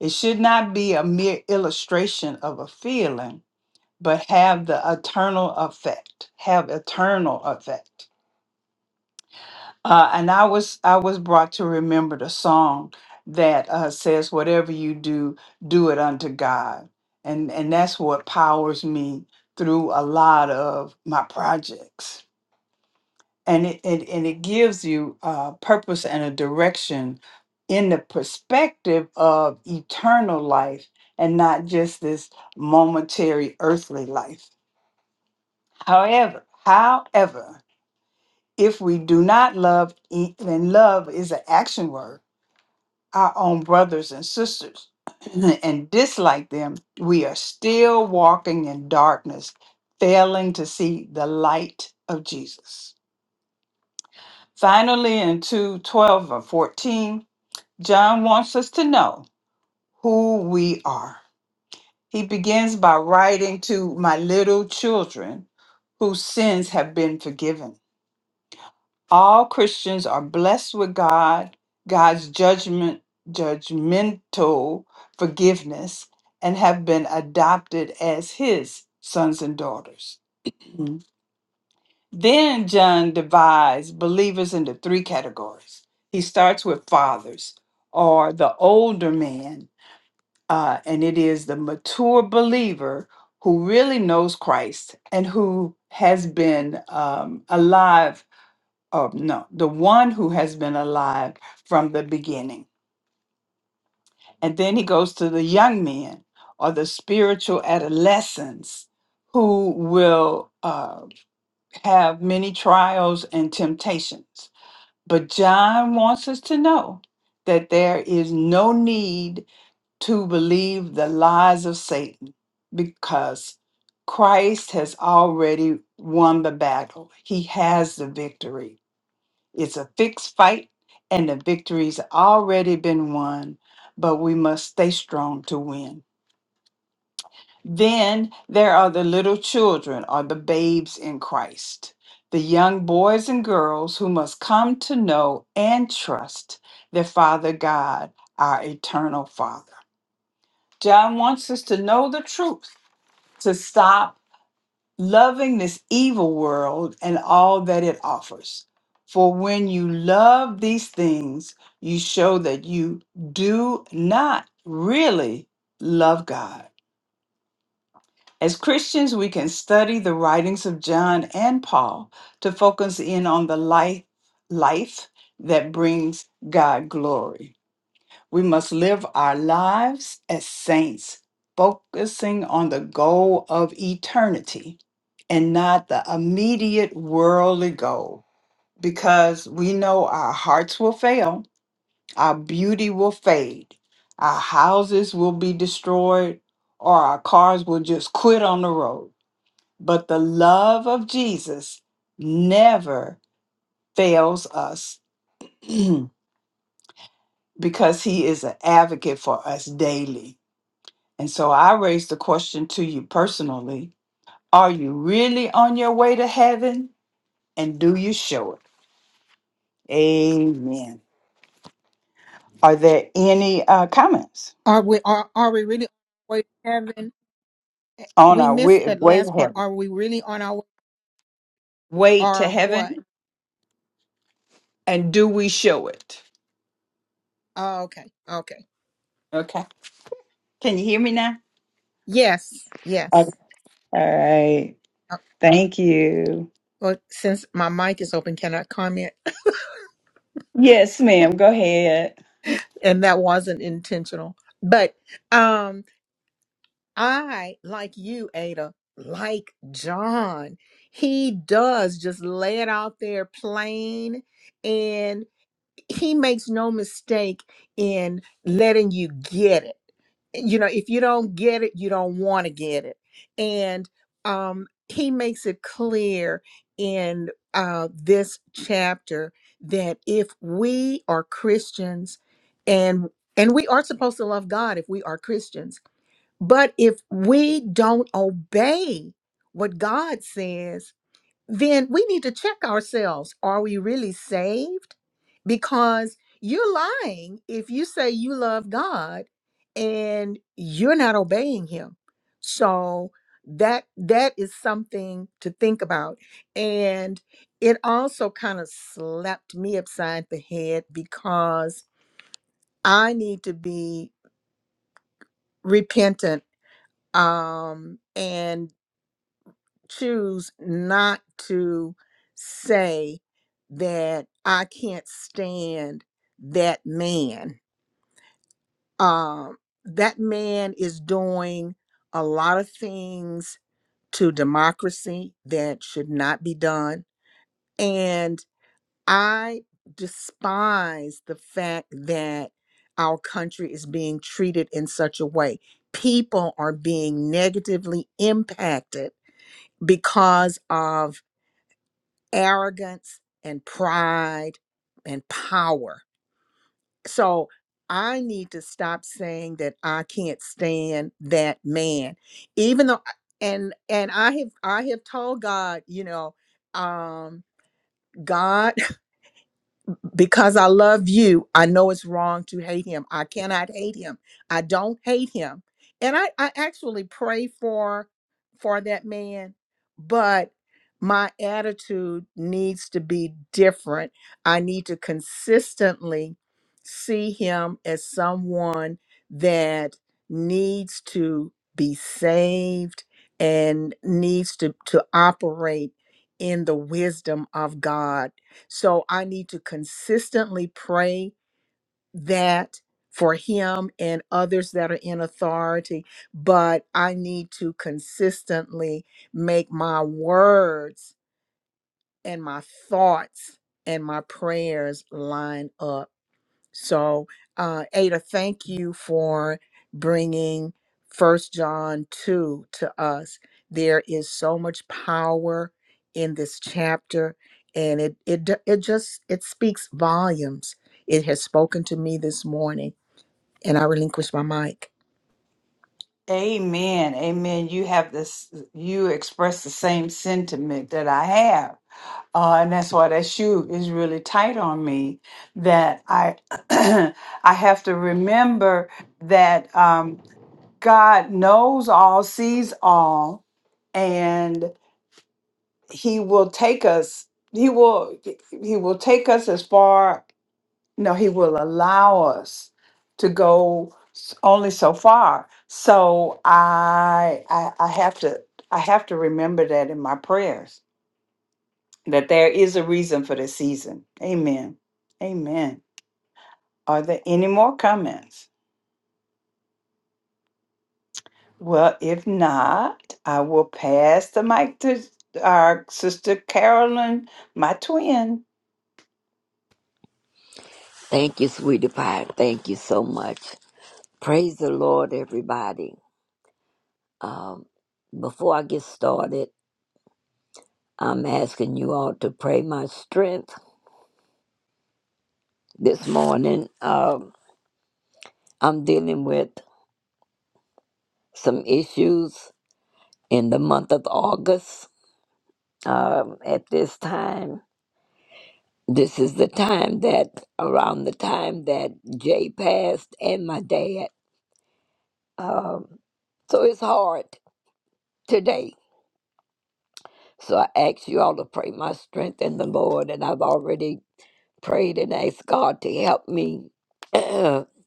Speaker 1: It should not be a mere illustration of a feeling, but have the eternal effect, have eternal effect. Uh, and I was I was brought to remember the song that uh, says, "Whatever you do, do it unto God," and and that's what powers me through a lot of my projects. And it, it and it gives you uh, purpose and a direction in the perspective of eternal life and not just this momentary earthly life. However, however, if we do not love, e- and love is an action word our own brothers and sisters and dislike them, we are still walking in darkness, failing to see the light of Jesus. Finally, in 2 12 or 14, John wants us to know who we are. He begins by writing to my little children whose sins have been forgiven. All Christians are blessed with God, God's judgment, judgmental forgiveness, and have been adopted as his sons and daughters. Mhm. Then John divides believers into three categories. He starts with fathers, or the older man, uh, and it is the mature believer who really knows Christ and who has been um, alive oh no, the one who has been alive from the beginning. And then he goes to the young men or the spiritual adolescents who will uh, have many trials and temptations. But John wants us to know that there is no need to believe the lies of Satan because Christ has already won the battle. He has the victory It's a fixed fight, and the victory's already been won, but we must stay strong to win. Then there are the little children or the babes in Christ, the young boys and girls who must come to know and trust their Father God, our eternal Father. John wants us to know the truth, to stop loving this evil world and all that it offers. For when you love these things, you show that you do not really love God. As Christians, we can study the writings of John and Paul to focus in on the life, life that brings God glory. We must live our lives as saints, focusing on the goal of eternity and not the immediate worldly goal, because we know our hearts will fail, our beauty will fade, our houses will be destroyed, or our cars will just quit on the road. But the love of Jesus never fails us because he is an advocate for us daily. And so I raised the question to you personally Are you really on your way to heaven? And do you show it? Amen. Are there any uh, comments
Speaker 2: Are we are are we really on our way to heaven? Eh,
Speaker 1: on
Speaker 2: We
Speaker 1: our
Speaker 2: missed
Speaker 1: way,
Speaker 2: that
Speaker 1: way to
Speaker 2: last part.
Speaker 1: heaven?
Speaker 2: Are we really on our
Speaker 1: Way to
Speaker 2: are what?
Speaker 1: heaven, and do we show it?
Speaker 2: Oh, okay. Okay.
Speaker 1: Okay. Can you hear me now?
Speaker 2: Yes. Yes.
Speaker 1: Okay. All right.
Speaker 2: Uh,
Speaker 1: Thank you.
Speaker 2: Well, since my mic is open, can I comment?
Speaker 1: Yes, ma'am. Go ahead.
Speaker 2: and that wasn't intentional. But um I, like you, Ada, like John, he does just lay it out there plain he makes no mistake in letting you get it. You know, if you don't get it, you don't want to get it. And um, he makes it clear in uh, this chapter that if we are Christians and and we are supposed to love God if we are Christians, but if we don't obey what God says, then we need to check ourselves. Are we really saved? Because you're lying if you say you love God and you're not obeying him. So that that is something to think about. And it also kind of slapped me upside the head because I need to be repentant. Um and choose not to say that I can't stand that man. Um, that man is doing a lot of things to democracy that should not be done. And I despise the fact that our country is being treated in such a way. People are being negatively impacted because of arrogance and pride and power. So I need to stop saying that I can't stand that man, even though and and I have I have told God, you know, um, God because I love you, I know it's wrong to hate him. I cannot hate him. I don't hate him. And I, I actually pray for for that man, but my attitude needs to be different. I need to consistently see him as someone that needs to be saved and needs to, to operate in the wisdom of God so I need to consistently pray that for him and others that are in authority, but I need to consistently make my words and my thoughts and my prayers line up so, uh, Ada, thank you for bringing First John 2 to us. There is so much power in this chapter, and it it d- it just it speaks volumes. It has spoken to me this morning, and I relinquish my mic.
Speaker 1: Amen. Amen. You have this, you express the same sentiment that I have Uh, and that's why that shoe is really tight on me. That I I have to remember that um, God knows all, sees all, and He will take us. He will He will take us as far. No, He will allow us to go s- only so far. So I I, I have to I have to remember that in my prayers that there is a reason for the season. Amen. Amen. Are there any more comments? Well, if not, I will pass the mic to our sister Carolyn, my twin,
Speaker 7: Thank you, sweetie pie. Thank you so much. Praise the Lord, everybody. Before I get started, I'm asking you all to pray my strength this morning. Um, I'm dealing with some issues in the month of August. Um, at this time, this is the time that around the time that Jay passed and my dad. Um, so it's hard today. So I ask you all to pray my strength in the Lord, and I've already prayed and asked God to help me with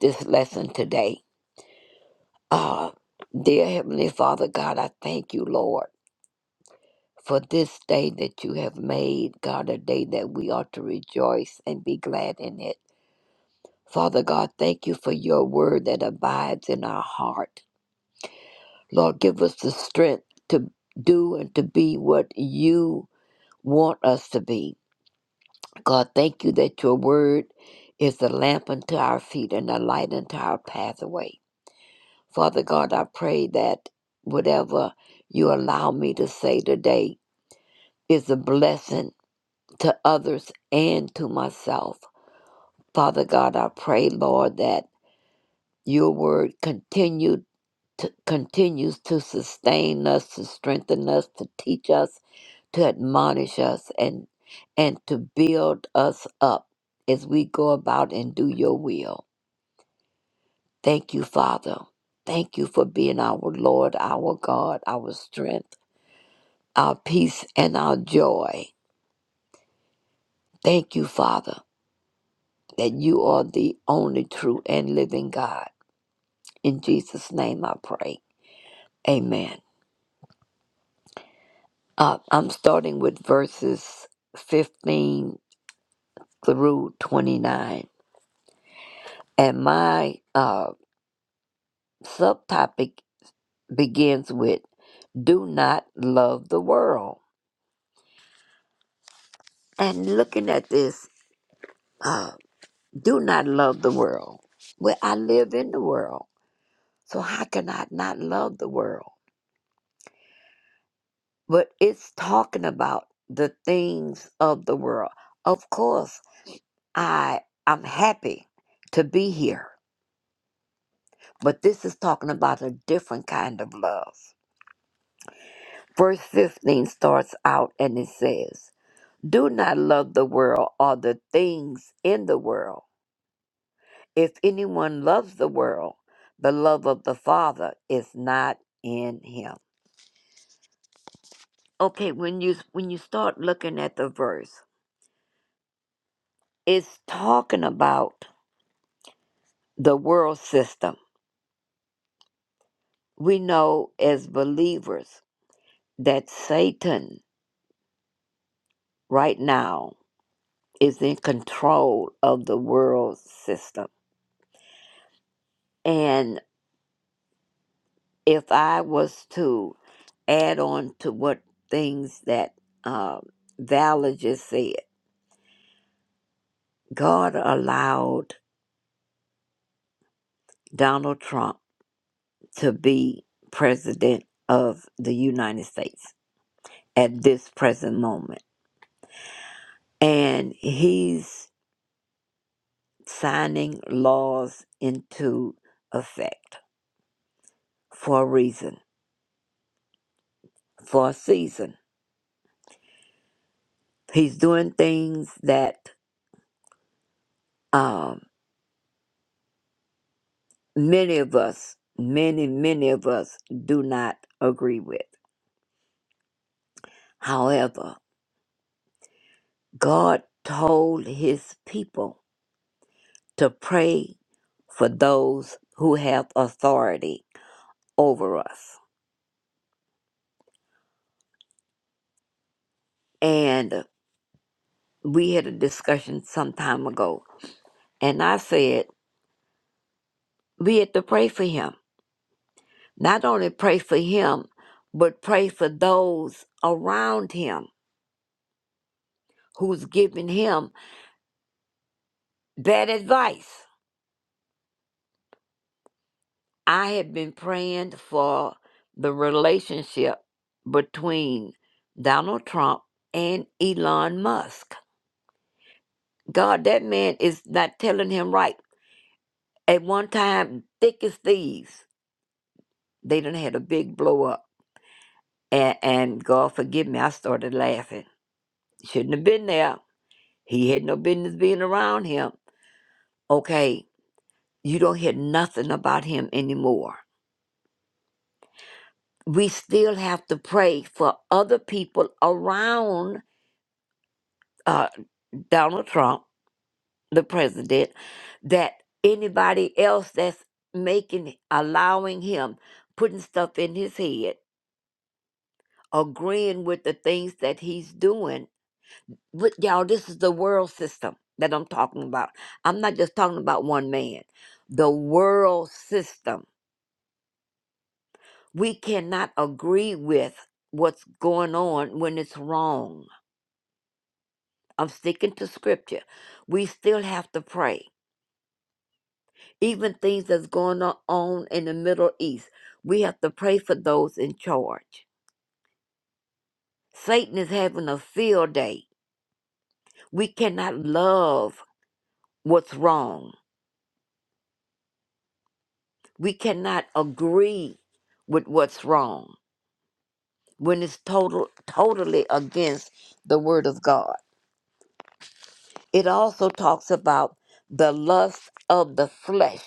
Speaker 7: this lesson today. Ah, dear Heavenly Father, God, I thank you, Lord, for this day that you have made, God, a day that we ought to rejoice and be glad in it. Father God, thank you for your word that abides in our heart. Lord, give us the strength to do and to be what you want us to be. God, thank you that your word is a lamp unto our feet and a light unto our pathway. Father God, I pray that whatever you allow me to say today is a blessing to others and to myself. Father God, I pray, Lord, that your word continue to, continues to sustain us, to strengthen us, to teach us, to admonish us, and and to build us up as we go about and do your will. Thank you, Father. Thank you for being our Lord, our God, our strength, our peace, and our joy. Thank you, Father, that you are the only true and living God. In Jesus' name I pray. Amen. Uh, I'm starting with verses 15 through 29. And my uh, subtopic begins with Do Not Love the World. And looking at this, uh, do not love the world. Well, I live in the world, so how can I not love the world? But it's talking about the things of the world. Of course, I I'm happy to be here, but this is talking about a different kind of love. Verse 15 starts out and it says, Do not love the world or the things in the world. If anyone loves the world, the love of the Father is not in him. Okay, when you when you start looking at the verse, it's talking about the world system. We know as believers that Satan right now is in control of the world system. And if I was to add on to what things that uh, Valor just said. God allowed Donald Trump to be president of the United States at this present moment. And he's signing laws into effect for a reason, for a season. He's doing things that um, many of us, many, many of us do not agree with. However, God told his people to pray for those who have authority over us. And we had a discussion some time ago, and I said we had to pray for him. Not only pray for him, but pray for those around him who's giving him bad advice. I had been praying for the relationship between Donald Trump and Elon Musk. God, that man is not telling him right. At one time, thick as thieves, they done had a big blow up. And, and God forgive me, I started laughing. Shouldn't have been there. He had no business being around him. Okay, you don't hear nothing about him anymore. We still have to pray for other people around uh, Donald Trump, the president, that anybody else that's making, allowing him, putting stuff in his head, agreeing with the things that he's doing. But y'all, this is the world system that I'm talking about. I'm not just talking about one man, the world system. We cannot agree with what's going on when it's wrong. I'm sticking to scripture. We still have to pray even things that's going o- on in the Middle East. We have to pray for those in charge. Satan is having a field day. We cannot love what's wrong. We cannot agree with what's wrong when it's total totally against the word of God. It also talks about the lust of the flesh,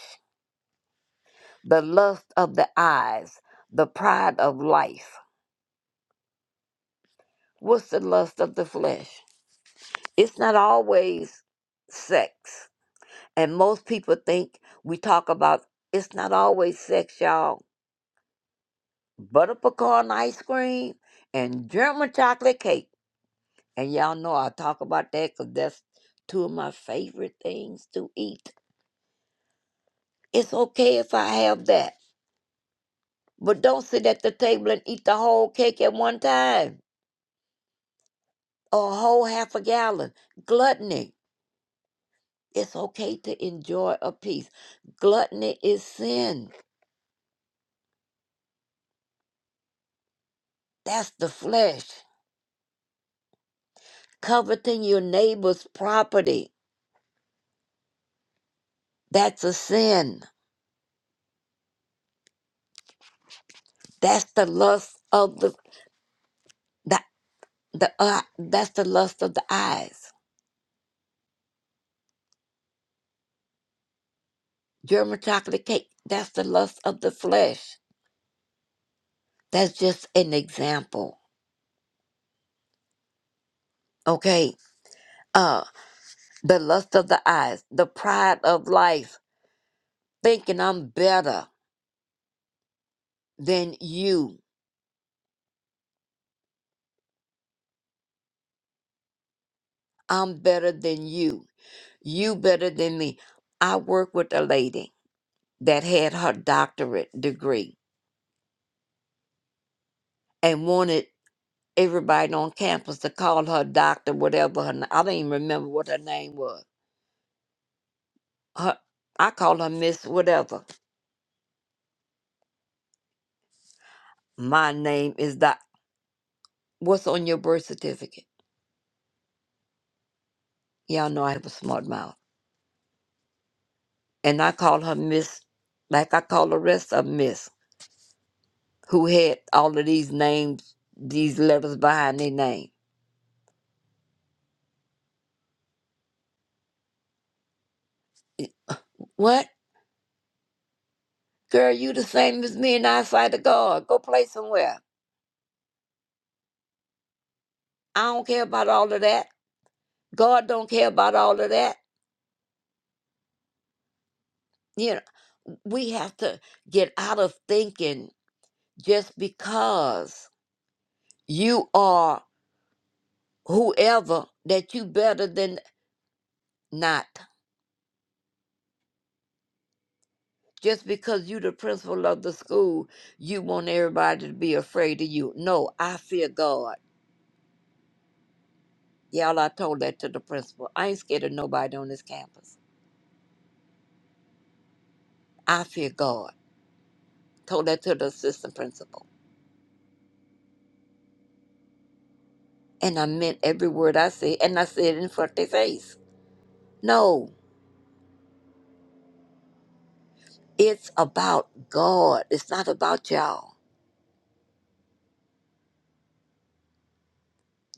Speaker 7: the lust of the eyes, the pride of life. What's the lust of the flesh? It's not always sex. And most people think we talk about it's not always sex, y'all. Butter pecan ice cream and German chocolate cake. And y'all know I talk about that because that's two of my favorite things to eat. It's okay if I have that. But don't sit at the table and eat the whole cake at one time or a whole half a gallon. Gluttony. It's okay to enjoy a piece. Gluttony is sin. That's the flesh. Coveting your neighbor's property. That's a sin. That's the lust of the the, the uh, that's the lust of the eyes. German chocolate cake. That's the lust of the flesh. That's just an example. Okay. Uh the lust of the eyes, the pride of life, thinking I'm better than you. I'm better than you. You better than me. I work with a lady that had her doctorate degree and wanted everybody on campus to call her doctor, whatever her. n- I don't even remember what her name was. Her, I call her Miss whatever. My name is Doc. What's on your birth certificate? Y'all know I have a smart mouth, and I call her Miss, like I call the rest of 'em Miss, who had all of these names, these letters behind their name. What? Girl, you the same as me and I sight of God. Go play somewhere. I don't care about all of that. God don't care about all of that. You know, we have to get out of thinking just because you are whoever that you better than not. Just because you the principal of the school, you want everybody to be afraid of you. No, I fear God. Y'all, I told that to the principal. I ain't scared of nobody on this campus. I fear God. Told that to the assistant principal. And I meant every word I said, and I said it in front of their face. No, It's about God. It's not about y'all.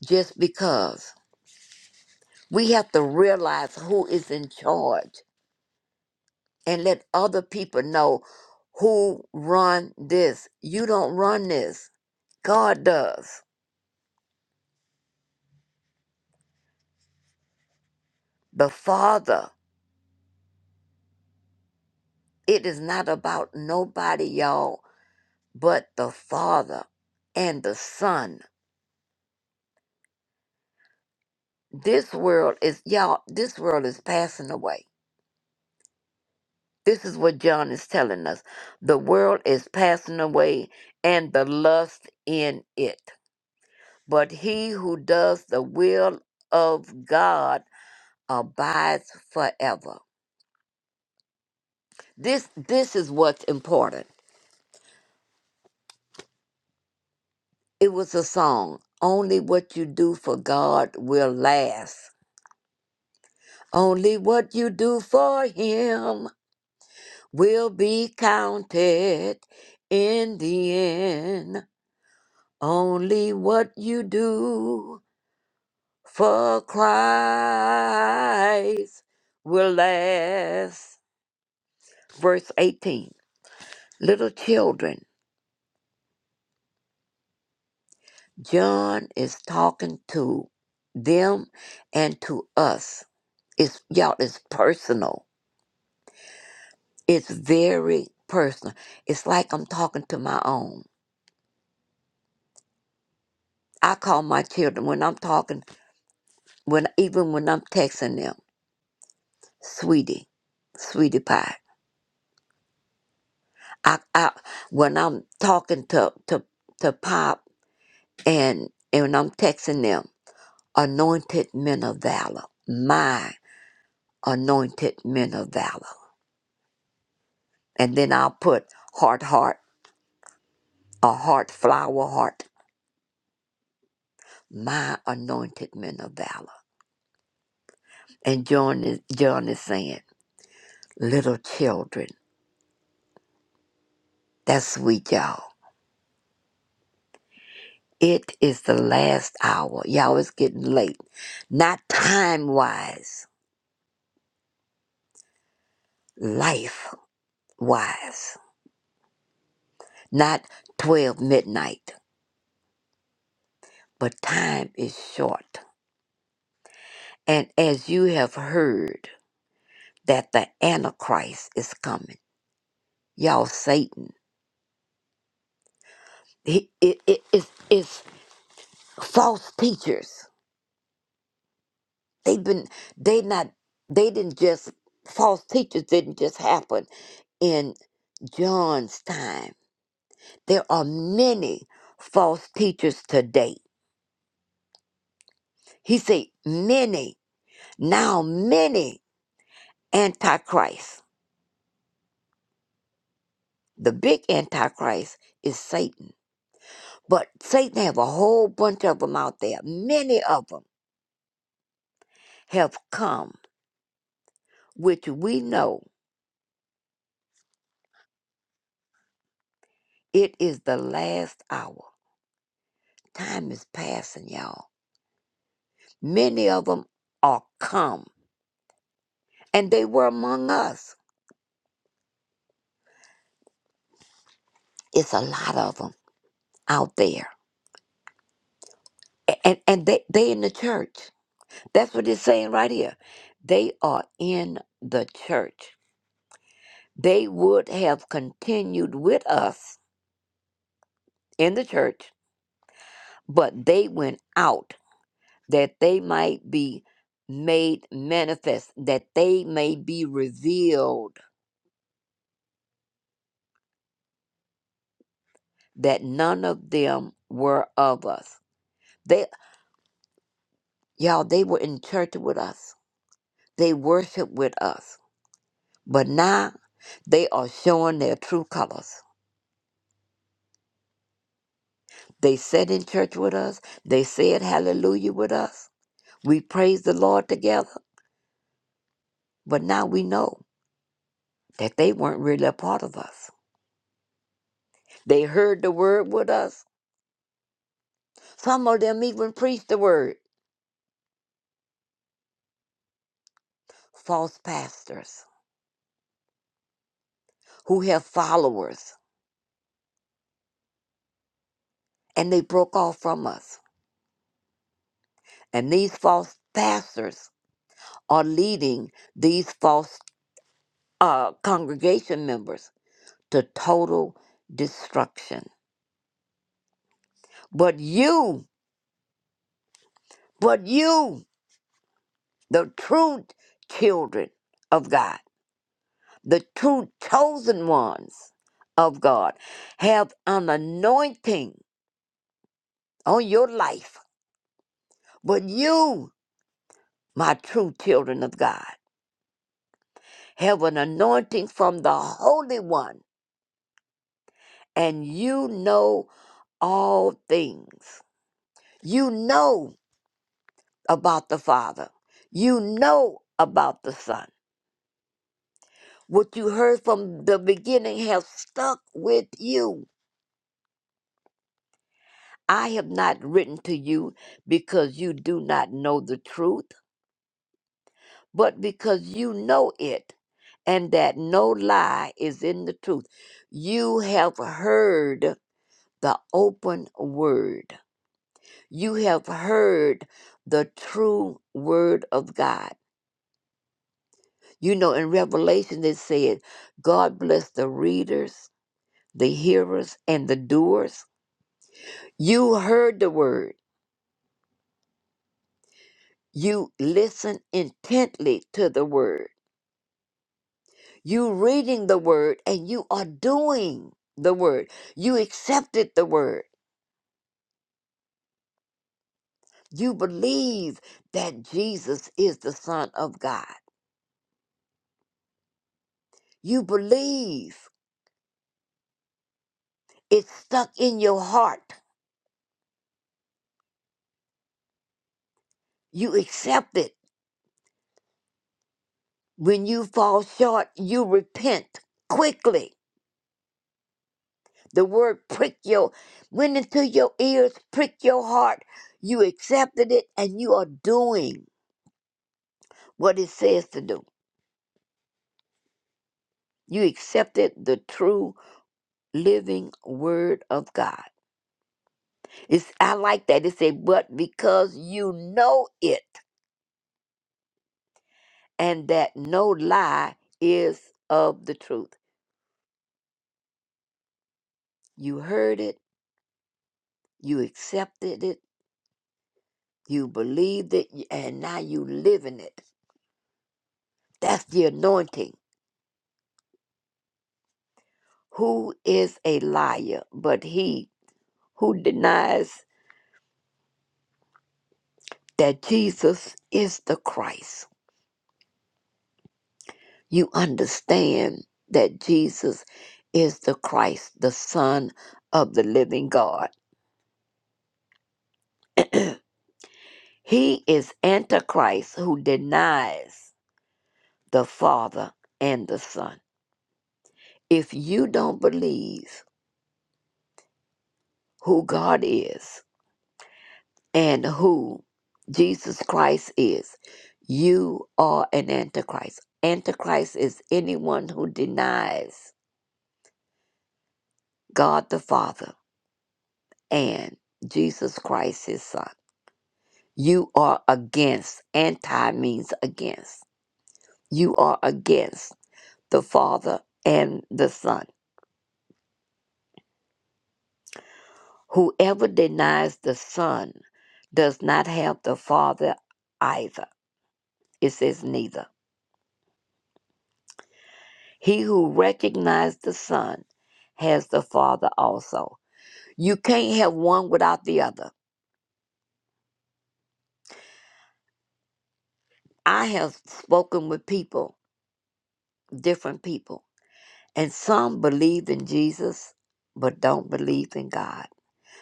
Speaker 7: Just because. We have to realize who is in charge and let other people know who run this. You don't run this. God does. The Father. It is not about nobody, y'all, but the Father and the Son. This world is y'all, this world is passing away This is what John is telling us. The world is passing away and the lust in it. But he who does the will of God abides forever. This this is what's important. It was a song. Only what you do for God will last. Only what you do for him will be counted in the end. Only what you do For Christ will last. Verse 18. Little children, John is talking to them and to us. It's y'all, it's personal. It's very personal. It's like I'm talking to my own. I call my children when I'm talking, when even when I'm texting them, sweetie, sweetie pie. I, I when I'm talking to to to pop and and I'm texting them, anointed men of valor, my anointed men of valor, and then I'll put heart, heart, a heart, flower, heart, my anointed men of valor. And John is John is saying, little children, that's sweet, y'all. It is the last hour, y'all. It's getting late, not time wise, life wise, not twelve midnight, but time is short And as you have heard that the Antichrist is coming, y'all, Satan, he, it, it, it's, it's false teachers. They've been, they not, they didn't just, false teachers didn't just happen in John's time. There are many false teachers today. He said, many, now many antichrists. The big antichrist is Satan But Satan have a whole bunch of them out there. Many of them have come, which we know it is the last hour. Time is passing, y'all. Many of them are come, and they were among us. It's a lot of them out there, A- and and they they in the church. That's what it's saying right here. They are in the church. They would have continued with us in the church, but they went out that they might be made manifest, that they may be revealed, that none of them were of us. They, y'all, they were in church with us. They worshiped with us. But now they are showing their true colors. They sat in church with us. They said hallelujah with us. We praised the Lord together. But now we know that they weren't really a part of us. They heard the word with us. Some of them even preached the word false pastors who have followers and they broke off from us. And these false pastors are leading these false uh, congregation members to total destruction. But you, but you, the true children of God, the true chosen ones of God, have an anointing on your life. But you, my true children of God. have an anointing from the Holy One, and you know all things. You know about the Father, you know about the Son. What you heard from the beginning has stuck with you. I have not written to you because you do not know the truth, but because you know it, and that no lie is in the truth. You have heard the open word You have heard the true word of God. You know, in Revelation, it said, God bless the readers, the hearers, and the doers. You heard the word. You listen intently to the word. You reading the word and you are doing the word. You accepted the word. You believe that Jesus is the Son of God. You believe. It's stuck in your heart You accept it. When you fall short, you repent quickly. The word prick your went into your ears, prick your heart. You accepted it and you are doing what it says to do. You accepted the true living word of God. It's I like that. It said, but because you know it and that no lie is of the truth. You heard it, you accepted it, You believed it and now you live in it. That's the anointing. Who is a liar but he who denies that Jesus is the Christ? You understand that Jesus is the Christ, the Son of the living God. he is Antichrist who denies the Father and the Son. If you don't believe who God is, and who Jesus Christ is. You are an Antichrist. Antichrist is anyone who denies God the Father and Jesus Christ, his Son. You are against, anti means against. You are against the Father and the Son. Whoever denies the Son does not have the Father either. It says neither. He who recognizes the Son has the Father also. You can't have one without the other. I have spoken with people, different people, and some believe in Jesus but don't believe in God.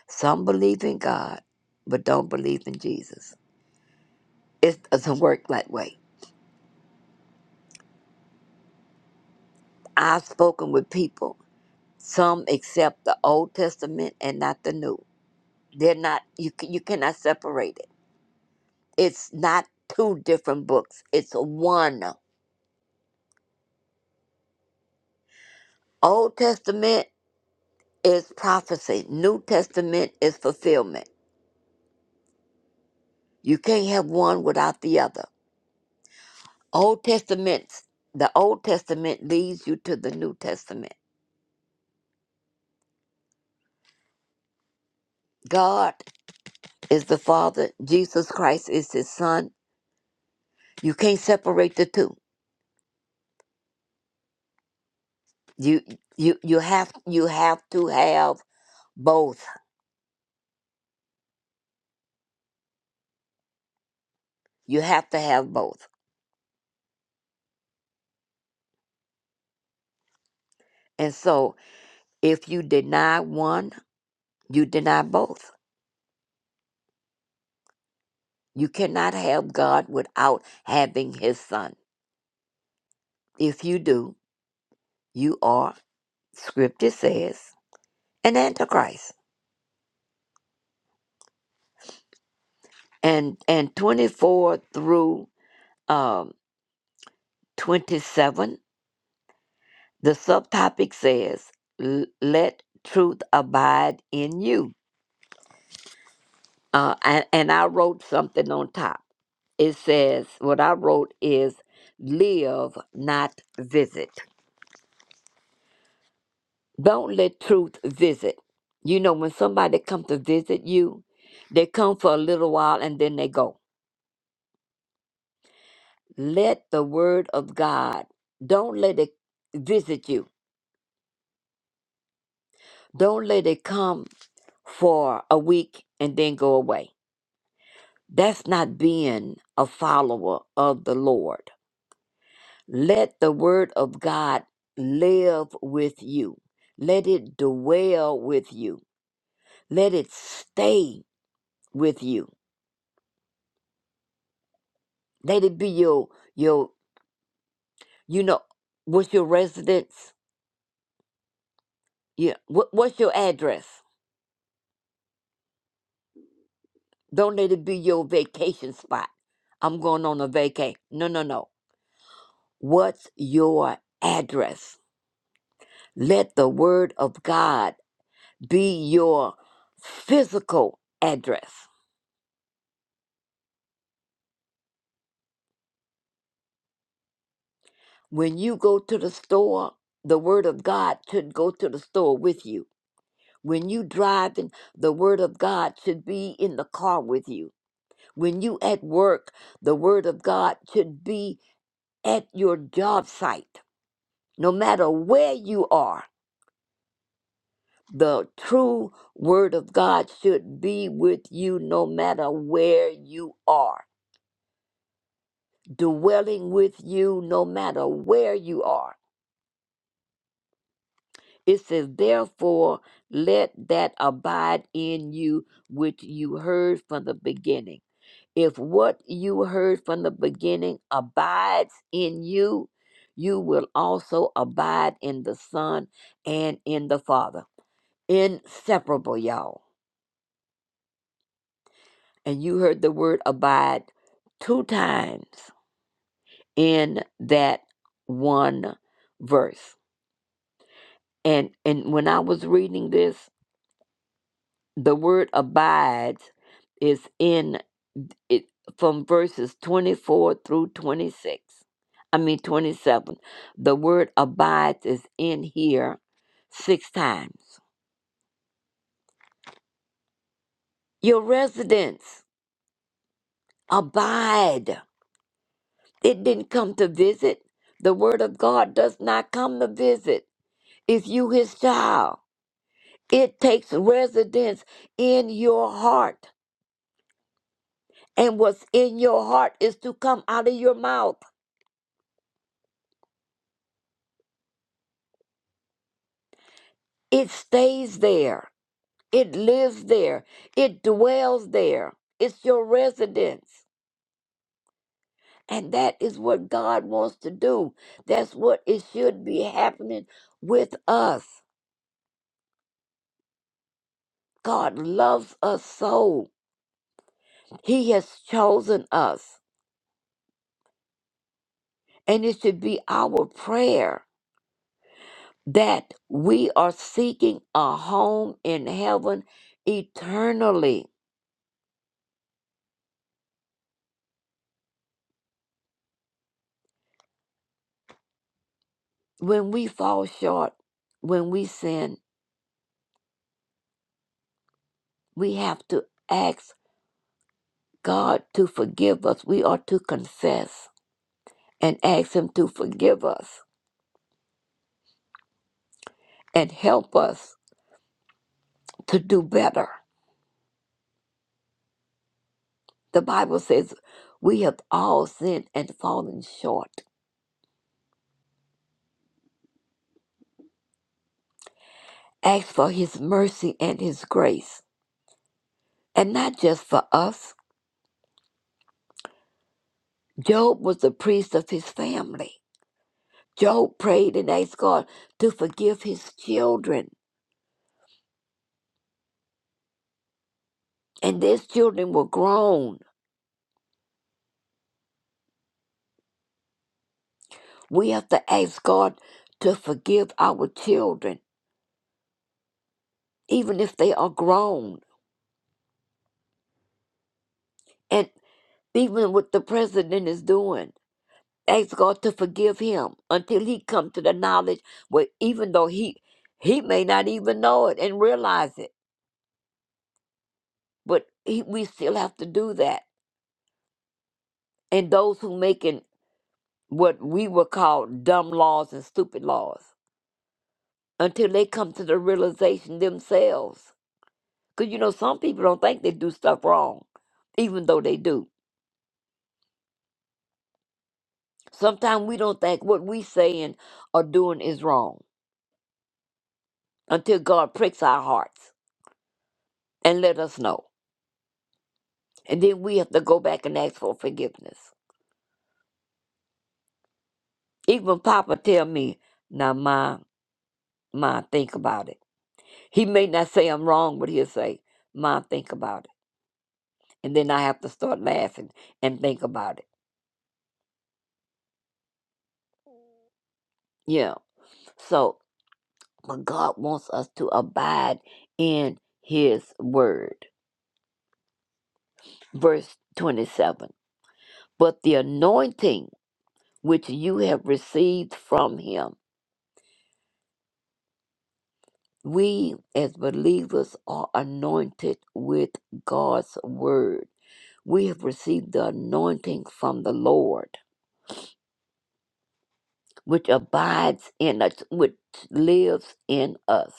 Speaker 7: Some believe in God but don't believe in Jesus. It doesn't work that way. I've spoken with people. Some accept the Old Testament and not the New. They're not you. ca- You cannot separate it. It's not two different books, it's one. Old Testament is prophecy, New Testament is fulfillment. You can't have one without the other. Old Testament, the Old Testament leads you to the New Testament. God is the Father, Jesus Christ is his son. You can't separate the two. You you you have you have to have both. You have to have both. And so if you deny one, you deny both. You cannot have God without having his son. If you do, you are, scripture says, an antichrist. And and 24 through um, 27, the subtopic says, "L- let truth abide in you. Uh, and, and I wrote something on top. It says, what I wrote is, live, not visit. Don't let truth visit. You know, when somebody comes to visit you, they come for a little while and then they go. Let the word of God, don't let it visit you. Don't let it come for a week and then go away. That's not being a follower of the Lord. Let the word of God live with you. Let it dwell with you. Let it stay with you. Let it be your your You know, what's your residence? Yeah. What, what's your address? Don't let it be your vacation spot. I'm going on a vacay. No, no, no. What's your address? Let the word of God be your physical address. When you go to the store, the word of God should go to the store with you. When you driving, the word of God should be in the car with you. When you at work, the word of God should be at your job site, no matter where you are, the true word of God should be with you no matter where you are, dwelling with you no matter where you are. It says, therefore, let that abide in you which you heard from the beginning. If what you heard from the beginning abides in you, you will also abide in the Son and in the Father. Inseparable, y'all. And you heard the word abide two times in that one verse. And and when I was reading this, the word abides is in it from verses 24 through 26. I mean 27. The word abides is in here six times. Your residence abide. It didn't come to visit. The word of God does not come to visit. If you his child, it takes residence in your heart. And what's in your heart is to come out of your mouth. It stays there. It lives there. It dwells there. It's your residence. And that is what God wants to do. That's what it should be happening with us. God loves us so. He has chosen us. And it should be our prayer that we are seeking a home in heaven eternally. When we fall short, when we sin, we have to ask God to forgive us. We are to confess and ask Him to forgive us and help us to do better. The Bible says we have all sinned and fallen short. Ask for His mercy and His grace, and not just for us Job was the priest of his family. Job prayed and asked God to forgive his children, and these children were grown. We have to ask God to forgive our children, even if they are grown. And even what the president is doing, ask God to forgive him until he comes to the knowledge where even though he he may not even know it and realize it, but he, we still have to do that. And those who making what we would call dumb laws and stupid laws until they come to the realization themselves. Because, you know, some people don't think they do stuff wrong, even though they do. Sometimes we don't think what we saying or doing is wrong until God pricks our hearts and let us know. And then we have to go back and ask for forgiveness. Even Papa tell me, now, Ma, Ma, think about it. He may not say I'm wrong, but he'll say, Ma, think about it. And then I have to start laughing and think about it Yeah. So, but God wants us to abide in his word. Verse 27. But the anointing which you have received from him, we as believers are anointed with God's word. We have received the anointing from the Lord, which abides in us, which lives in us.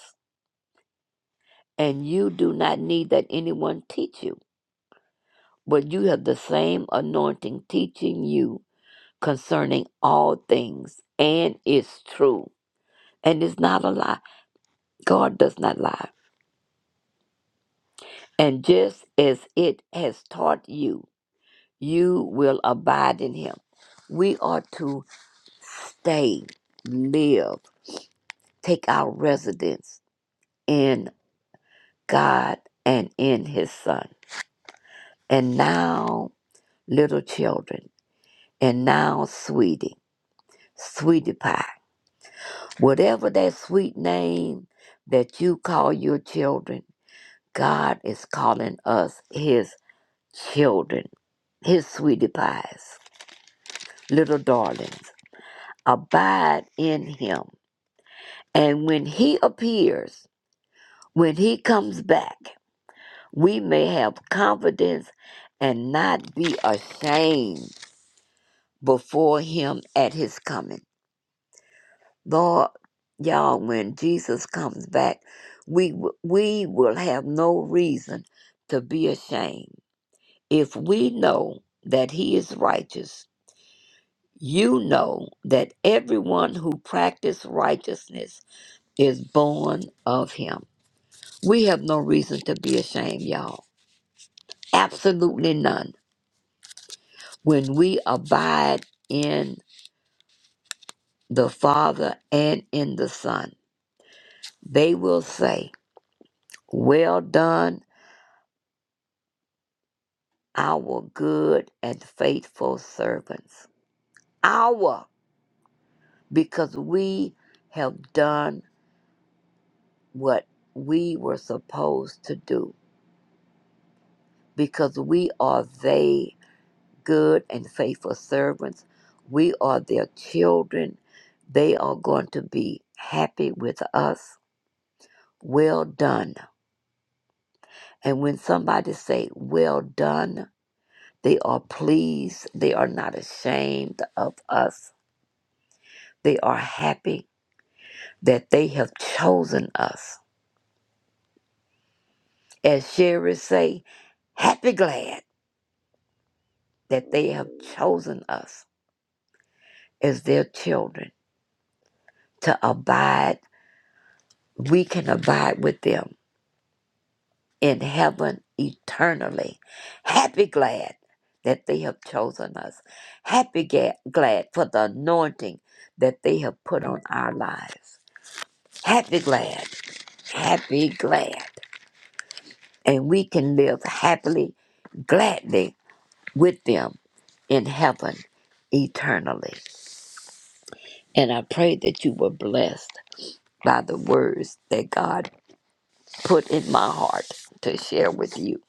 Speaker 7: And you do not need that anyone teach you but you have the same anointing teaching you concerning all things, and it's true. And it's not a lie. God does not lie. And just as it has taught you, you will abide in Him. We are to stay, live, take our residence in God and in His Son. And now, little children, and now, sweetie, sweetie pie. Whatever that sweet name that you call your children, God is calling us His children, His sweetie pies, little darlings. Abide in Him. And when He appears, when He comes back, we may have confidence and not be ashamed before Him at His coming. Lord, y'all, when Jesus comes back, we w- we will have no reason to be ashamed. If we know that he is righteous, you know that everyone who practices righteousness is born of him. We have no reason to be ashamed, y'all. Absolutely none. When we abide in the Father and in the Son, they will say, Well done our good and faithful servants. Our, because we have done what we were supposed to do. Because we are they, good and faithful servants. We are their children. They are going to be happy with us. Well done. And when somebody say, well done, they are pleased. They are not ashamed of us. They are happy that they have chosen us. As Sherry say, happy glad that they have chosen us as their children to abide. We can abide with them in heaven eternally. Happy glad that they have chosen us. Happy ga- glad for the anointing that they have put on our lives. Happy glad, happy glad. And we can live happily, gladly with them in heaven eternally. And I pray that you were blessed by the words that God put in my heart to share with you.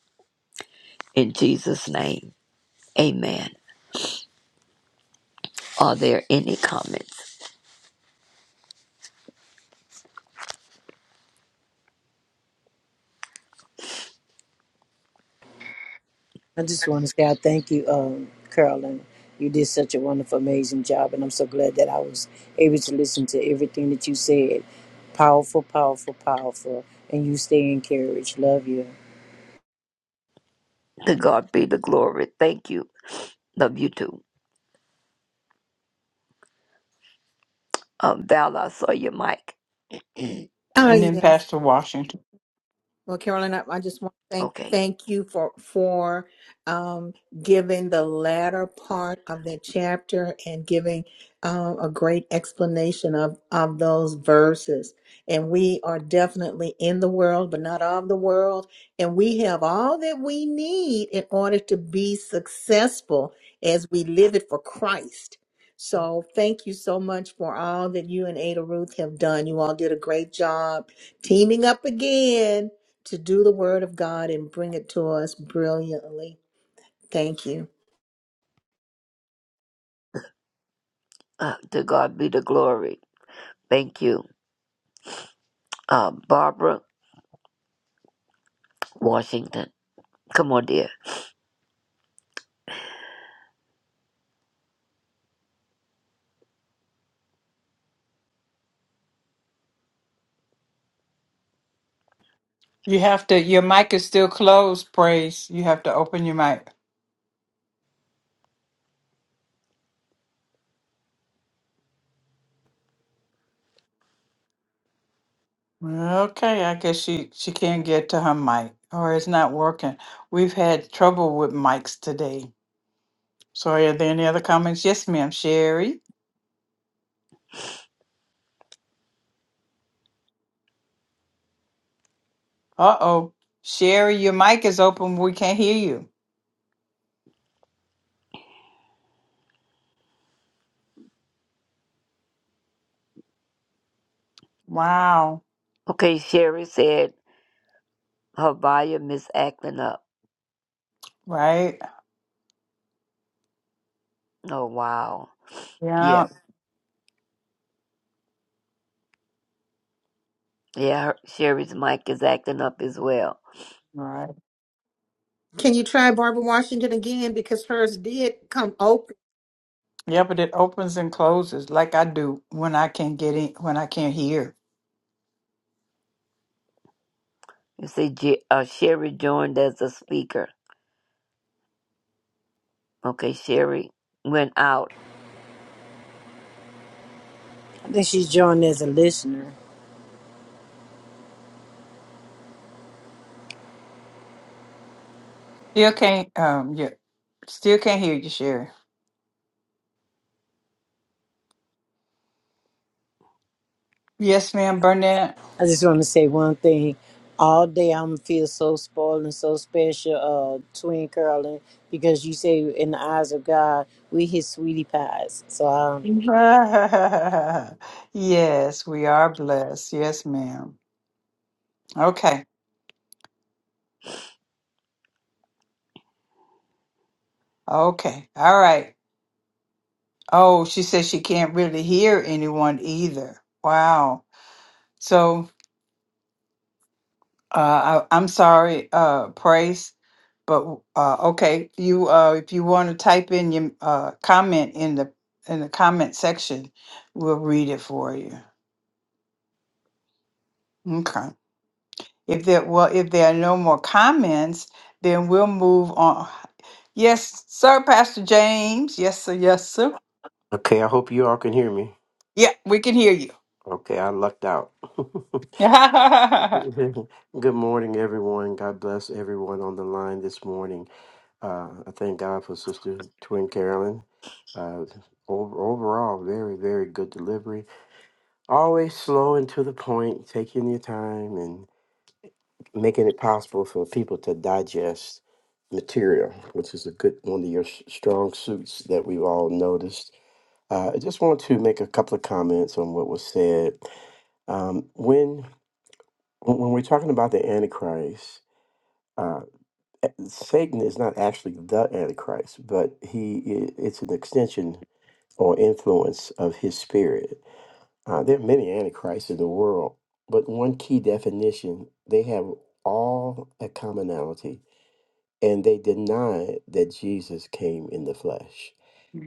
Speaker 7: In Jesus' name, amen. Are there any comments?
Speaker 8: I just want to say I thank you, um, Carolyn. You did such a wonderful, amazing job, and I'm so glad that I was able to listen to everything that you said. Powerful, powerful, powerful, and you stay encouraged. Love you.
Speaker 7: To God be the glory. Thank you. Love you too. Uh, Val, I saw your mic.
Speaker 1: and then Pastor Washington.
Speaker 2: Well, Carolyn, I, I just want to thank
Speaker 7: Okay.
Speaker 2: thank you for for um, giving the latter part of that chapter and giving um, a great explanation of of those verses. And we are definitely in the world, but not of the world. And we have all that we need in order to be successful as we live it for Christ. So thank you so much for all that you and Ada Ruth have done. You all did a great job teaming up again to do the word of God and bring it to us brilliantly. Thank you.
Speaker 7: Uh, to God be the glory. Thank you. Uh, Barbara Washington. Come on, dear.
Speaker 1: You have to, your mic is still closed, praise. You have to open your mic. Okay, I guess she, she can't get to her mic or it's not working. We've had trouble with mics today. So, are there any other comments? Yes, ma'am, Sherry. Uh oh. Sherry, your mic is open. We can't hear you. Wow.
Speaker 7: Okay, Sherry said her volume is acting up.
Speaker 1: Right?
Speaker 7: Oh, wow. Yeah.
Speaker 1: Yeah.
Speaker 7: Yeah, her- Sherry's mic is acting up as well.
Speaker 1: Right.
Speaker 2: Can you try Barbara Washington again? Because hers did come open.
Speaker 1: Yeah, but it opens and closes like I do when I can't get in when I can't hear.
Speaker 7: You see, J- uh, Sherry joined as a speaker. Okay, Sherry went out.
Speaker 8: I think she's joined as a listener.
Speaker 1: Still can't um yeah. Still can't hear you, Sherry. Yes, ma'am, Burnett.
Speaker 8: I just want to say one thing. All day I'm feel so spoiled and so special, uh, twin Carolyn, because you say in the eyes of God we his sweetie pies. So
Speaker 1: yes, we are blessed. Yes, ma'am. Okay. Okay. All right. Oh, she says she can't really hear anyone either. Wow. So. Uh, I, I'm sorry, uh, Praise, but uh, okay, you uh, if you want to type in your uh, comment in the in the comment section, we'll read it for you. Okay. If there well, if there are no more comments, then we'll move on. Yes, sir, Pastor James. Yes, sir. Yes, sir.
Speaker 9: Okay, I hope you all can hear me.
Speaker 1: Yeah, we can hear you.
Speaker 9: Okay, I lucked out. Good morning, everyone. God bless everyone on the line this morning. Uh, I thank God for Sister Twin Carolyn. Uh, over, overall, very, very good delivery. Always slow and to the point, taking your time and making it possible for people to digest material, which is a good one of your s- strong suits that we've all noticed. Uh, I just want to make a couple of comments on what was said Um, when when we're talking about the Antichrist, uh, eh, Satan is not actually the Antichrist, but he i- it's an extension or influence of his spirit. Uh, there are many Antichrists in the world, but one key definition they have all a commonality, and they deny that Jesus came in the flesh.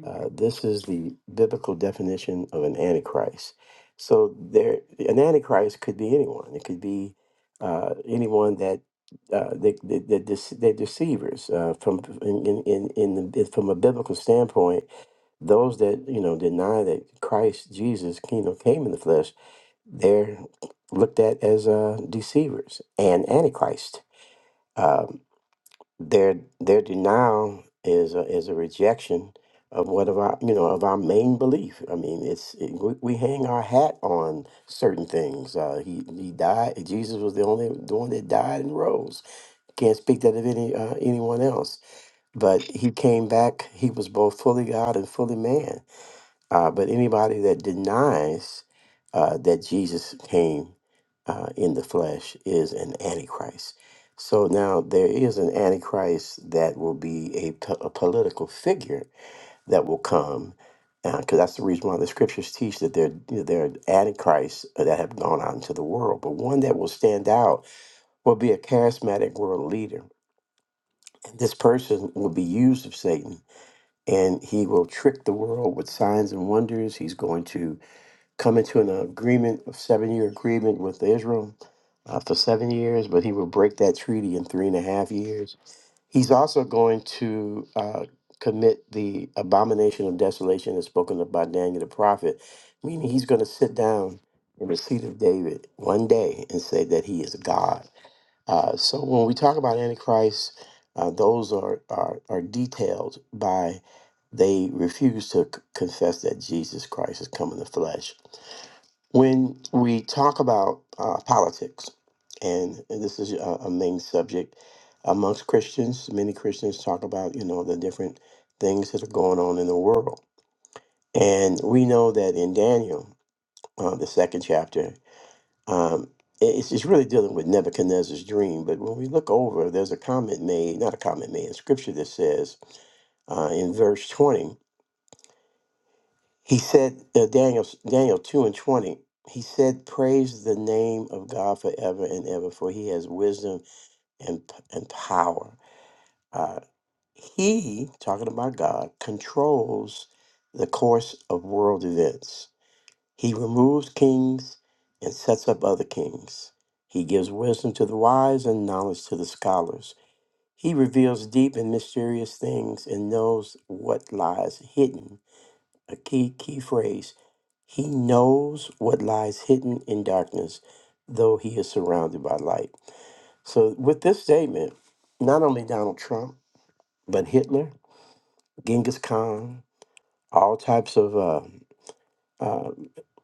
Speaker 9: Uh, this is the biblical definition of an antichrist. So there, an antichrist could be anyone. It could be uh, anyone that uh, they, they, they're, dece- they're deceivers uh, from in, in, in, in the, from a biblical standpoint. Those that you know deny that Christ Jesus you know, came in the flesh, they're looked at as uh, deceivers and antichrist. Um, their their denial is a, is a rejection of what of our you know of our main belief. I mean, it's it, we, we hang our hat on certain things. Uh, he he died. Jesus was the only the one that died and rose. Can't speak that of any uh, anyone else. But he came back. He was both fully God and fully man uh, but anybody that denies uh, that Jesus came uh, in the flesh is an antichrist. So now there is an antichrist that will be a, po- a political figure that will come, because that's the reason why the scriptures teach that there, there are antichrists that have gone out into the world. But one that will stand out will be a charismatic world leader. And this person will be used of Satan, and he will trick the world with signs and wonders. He's going to come into an agreement, a seven year agreement with Israel uh, for seven years, but he will break that treaty in three and a half years. He's also going to uh, commit the abomination of desolation as spoken of by Daniel the prophet, meaning he's going to sit down in the seat of David one day and say that he is God. Uh, so when we talk about Antichrist, uh, those are, are, are detailed by they refuse to c- confess that Jesus Christ has come in the flesh when we talk about uh, politics, and this is a, a main subject amongst Christians, many Christians talk about you know the different things that are going on in the world, and we know that in Daniel, uh, the second chapter, um, i- it's, it's really dealing with Nebuchadnezzar's dream. But when we look over, there's a comment made, not a comment made in Scripture that says uh, in verse twenty. He said, uh, Daniel, Daniel 2 and 20, he said, Praise the name of God forever and ever, for he has wisdom and, p- and power. Uh, he, talking about God, controls the course of world events. He removes kings and sets up other kings. He gives wisdom to the wise and knowledge to the scholars. He reveals deep and mysterious things and knows what lies hidden a key key phrase. He knows what lies hidden in darkness, though he is surrounded by light. So with this statement, not only Donald Trump, but Hitler, Genghis Khan, all types of uh, uh,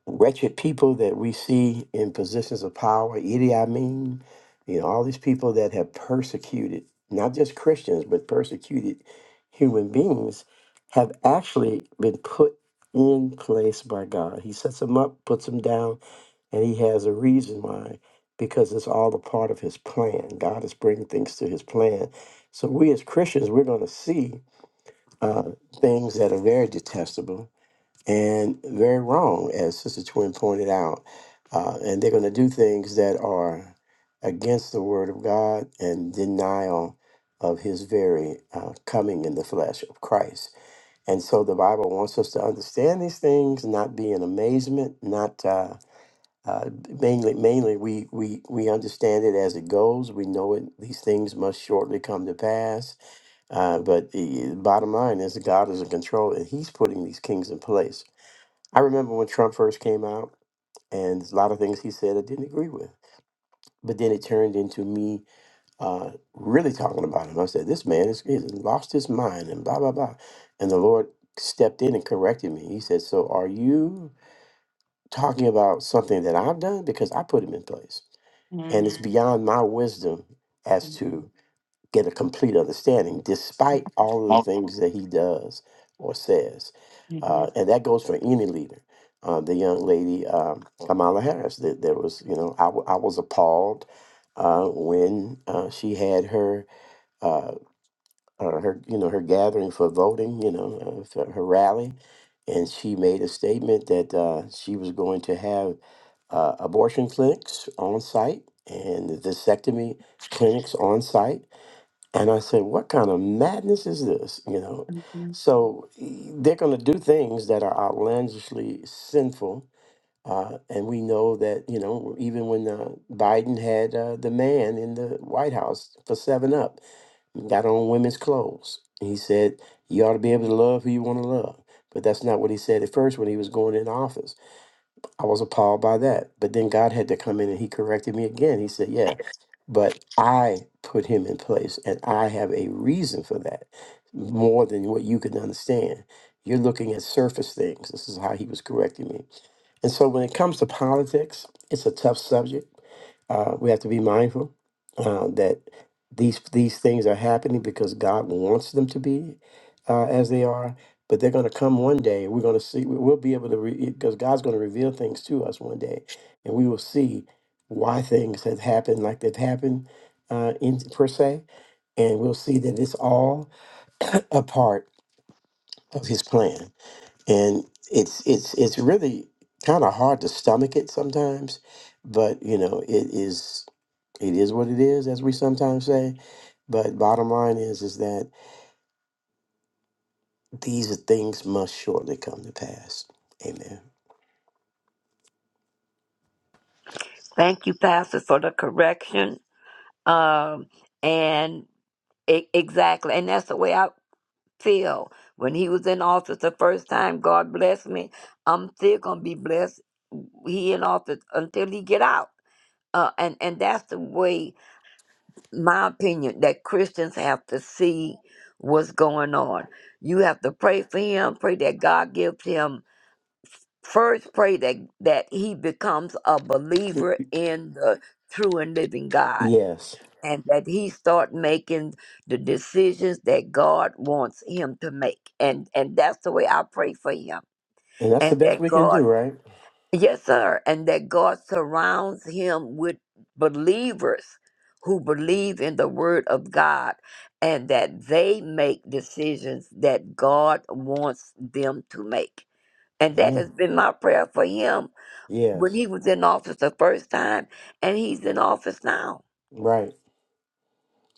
Speaker 9: wretched people that we see in positions of power, Idi Amin, you know, all these people that have persecuted not just Christians, but persecuted human beings have actually been put in place by God. He sets them up, puts them down, and he has a reason why, because it's all a part of his plan. God is bringing things to his plan. So we as Christians, we're going to see uh, things that are very detestable and very wrong, as Sister Twin pointed out. Uh, and they're going to do things that are against the Word of God and denial of His very uh, coming in the flesh of Christ. And so the Bible wants us to understand these things, not be in amazement, not. Uh, uh, mainly, mainly we, we, we understand it as it goes. We know it; these things must shortly come to pass. Uh, but the bottom line is, that God is in control, and He's putting these kings in place I remember when Trump first came out, and a lot of things he said I didn't agree with. But then it turned into me uh, really talking about him. I said, "This man is, is lost his mind," and blah blah blah. And the Lord stepped in and corrected me. He said, "So are you talking about something that I've done because I put him in place, and it's
Speaker 1: Mm,
Speaker 9: beyond my wisdom as
Speaker 1: mm,
Speaker 9: to." get a complete understanding despite all of the
Speaker 1: mm.
Speaker 9: things that he does or says. Uh, and that goes for any leader. Uh, the young lady, um, Kamala Harris, that there was, you know, I, w- I was appalled uh, when uh, she had her, uh, uh, her, you know, her gathering for voting, you know, uh, for her rally. And she made a statement that uh, she was going to have uh, abortion clinics on site and vasectomy clinics on site and I said, what kind of madness is this? You know, so e- they're going to do things that are outlandishly sinful. Uh, and we know that, you know, even when uh, Biden had uh, the man in the White House for 7 Up, got on women's clothes. He said, you ought to be able to love who you want to love. But that's not what he said at first when he was going in office. I was appalled by that. But then God had to come in and he corrected me again. He said, Yeah, but I put him in place and I have a reason for that more than what you can understand. You're looking at surface things. This is how he was correcting me and so when it comes to politics, it's a tough subject. Uh, we have to be mindful uh, that these these things are happening because God wants them to be uh, as they are. But they're going to come one day. We're going to see. we- We'll be able to re- because God's going to reveal things to us one day, and we will see why things have happened like they've happened uh, in per se, and we'll see that it's all a part of His plan and it's it's it's really kind of hard to stomach it sometimes but you know it is it is what it is as we sometimes say but bottom line is is that these things must shortly come to pass amen
Speaker 7: Thank you, Pastor, for the correction. Um, and e- exactly, and that's the way I feel. When he was in office the first time, God bless me. I'm still gonna be blessed. He in office until he get out. Uh, and and that's the way my opinion that Christians have to see what's going on. You have to pray for him, pray that God gives him first pray that that he becomes a
Speaker 9: Y-
Speaker 7: believer in the true and living God
Speaker 9: yes
Speaker 7: and that he start making the decisions that God wants him to make. And and that's the way I pray for him.
Speaker 9: and that's the
Speaker 7: And
Speaker 9: best
Speaker 7: that
Speaker 9: we can do
Speaker 7: God
Speaker 9: right
Speaker 7: Yes, sir. And that God surrounds him with believers who believe in the word of God and that they make decisions that God wants them to make. And that has
Speaker 9: amen
Speaker 7: been my prayer for him when
Speaker 9: yes
Speaker 7: he was in office the first time, and he's in office now.
Speaker 9: right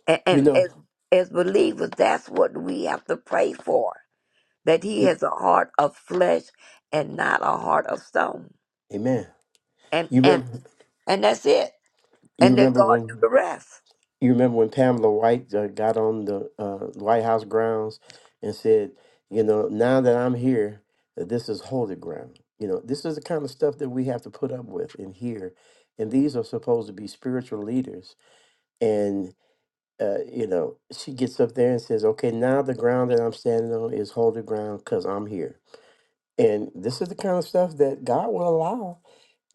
Speaker 7: And,
Speaker 9: you
Speaker 7: and
Speaker 9: know
Speaker 7: as, as believers, that's what we have to pray for that he
Speaker 9: you,
Speaker 7: has a heart of flesh and not a heart of stone.
Speaker 9: amen
Speaker 7: And,
Speaker 9: you
Speaker 7: and,
Speaker 9: remember
Speaker 7: and that's it.
Speaker 9: you
Speaker 7: and let
Speaker 9: remember
Speaker 7: God
Speaker 9: when
Speaker 7: do the rest.
Speaker 9: You remember when Pamela White uh, got on the uh, White House grounds and said, you know, now that I'm here, uh, this is holy ground. You know, this is the kind of stuff that we have to put up with and hear. And these are supposed to be spiritual leaders. And, uh, you know, she gets up there and says, okay, now the ground that I'm standing on is holy ground because I'm here. And this is the kind of stuff that God will allow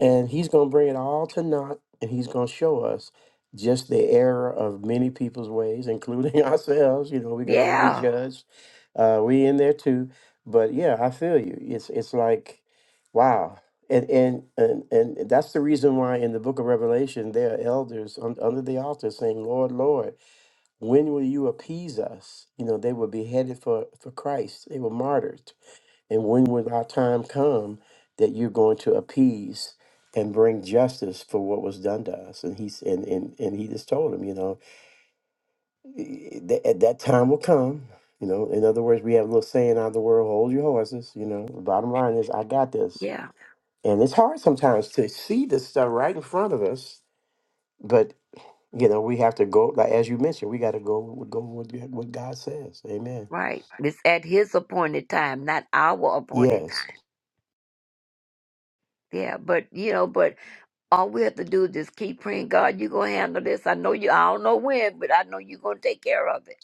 Speaker 9: and he's going to bring it all to naught and he's going to show us just the error of many people's ways, including ourselves. You know, we're going to all be
Speaker 7: Yeah,
Speaker 9: judged. Uh, we in there too. But yeah, I feel you. It's it's like, wow. And, and and and that's the reason why in the book of Revelation there are elders un- under the altar saying, "Lord, Lord, when will you appease us?" You know, they were beheaded for for Christ. They were martyred and when will our time come that you're going to appease and bring justice for what was done to us? And he's and and, and he just told him, you know, "Eh, eh, that at that time will come. You know, in other words, we have a little saying out of the world, hold your horses, you know. The bottom line is I got this.
Speaker 7: yeah,
Speaker 9: And it's hard sometimes to see this stuff right in front of us, but you know, we have to go like as you mentioned, we gotta go with- go with what God says. Amen.
Speaker 7: right. It's at His appointed time, not our appointed
Speaker 9: Yes.
Speaker 7: time. Yeah, but you know, but all we have to do is just keep praying. God, you gonna handle this. I know you. I don't know when, but I know you're gonna take care of it.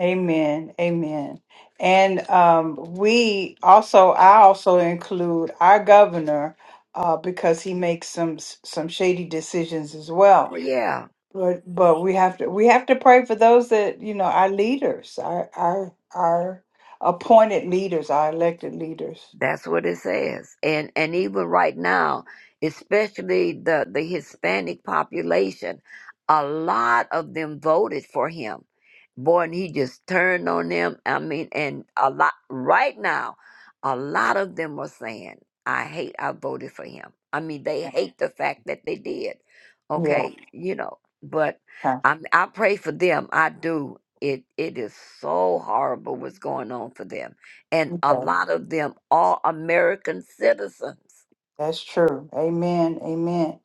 Speaker 1: Amen. Amen. And um, we also, I also include our governor uh, because he makes some some shady decisions as
Speaker 7: Oh
Speaker 1: well.
Speaker 7: yeah,
Speaker 1: But but we have to we have to pray for those that you know our leaders, our our our appointed leaders, our elected leaders.
Speaker 7: That's what it says. And and even right now, especially the, the Hispanic population, a lot of them voted for him. Boy, and he just turned on them. I mean, and a lot right now, a lot of them are saying, I hate I voted for him. I mean, they hate the fact that they did.
Speaker 1: Yeah,
Speaker 7: Okay, you know, but
Speaker 1: okay.
Speaker 7: I I pray for them. I do. It it is so horrible what's going on for them and a
Speaker 1: Yeah,
Speaker 7: lot of them are American citizens.
Speaker 1: That's true. Amen. Amen.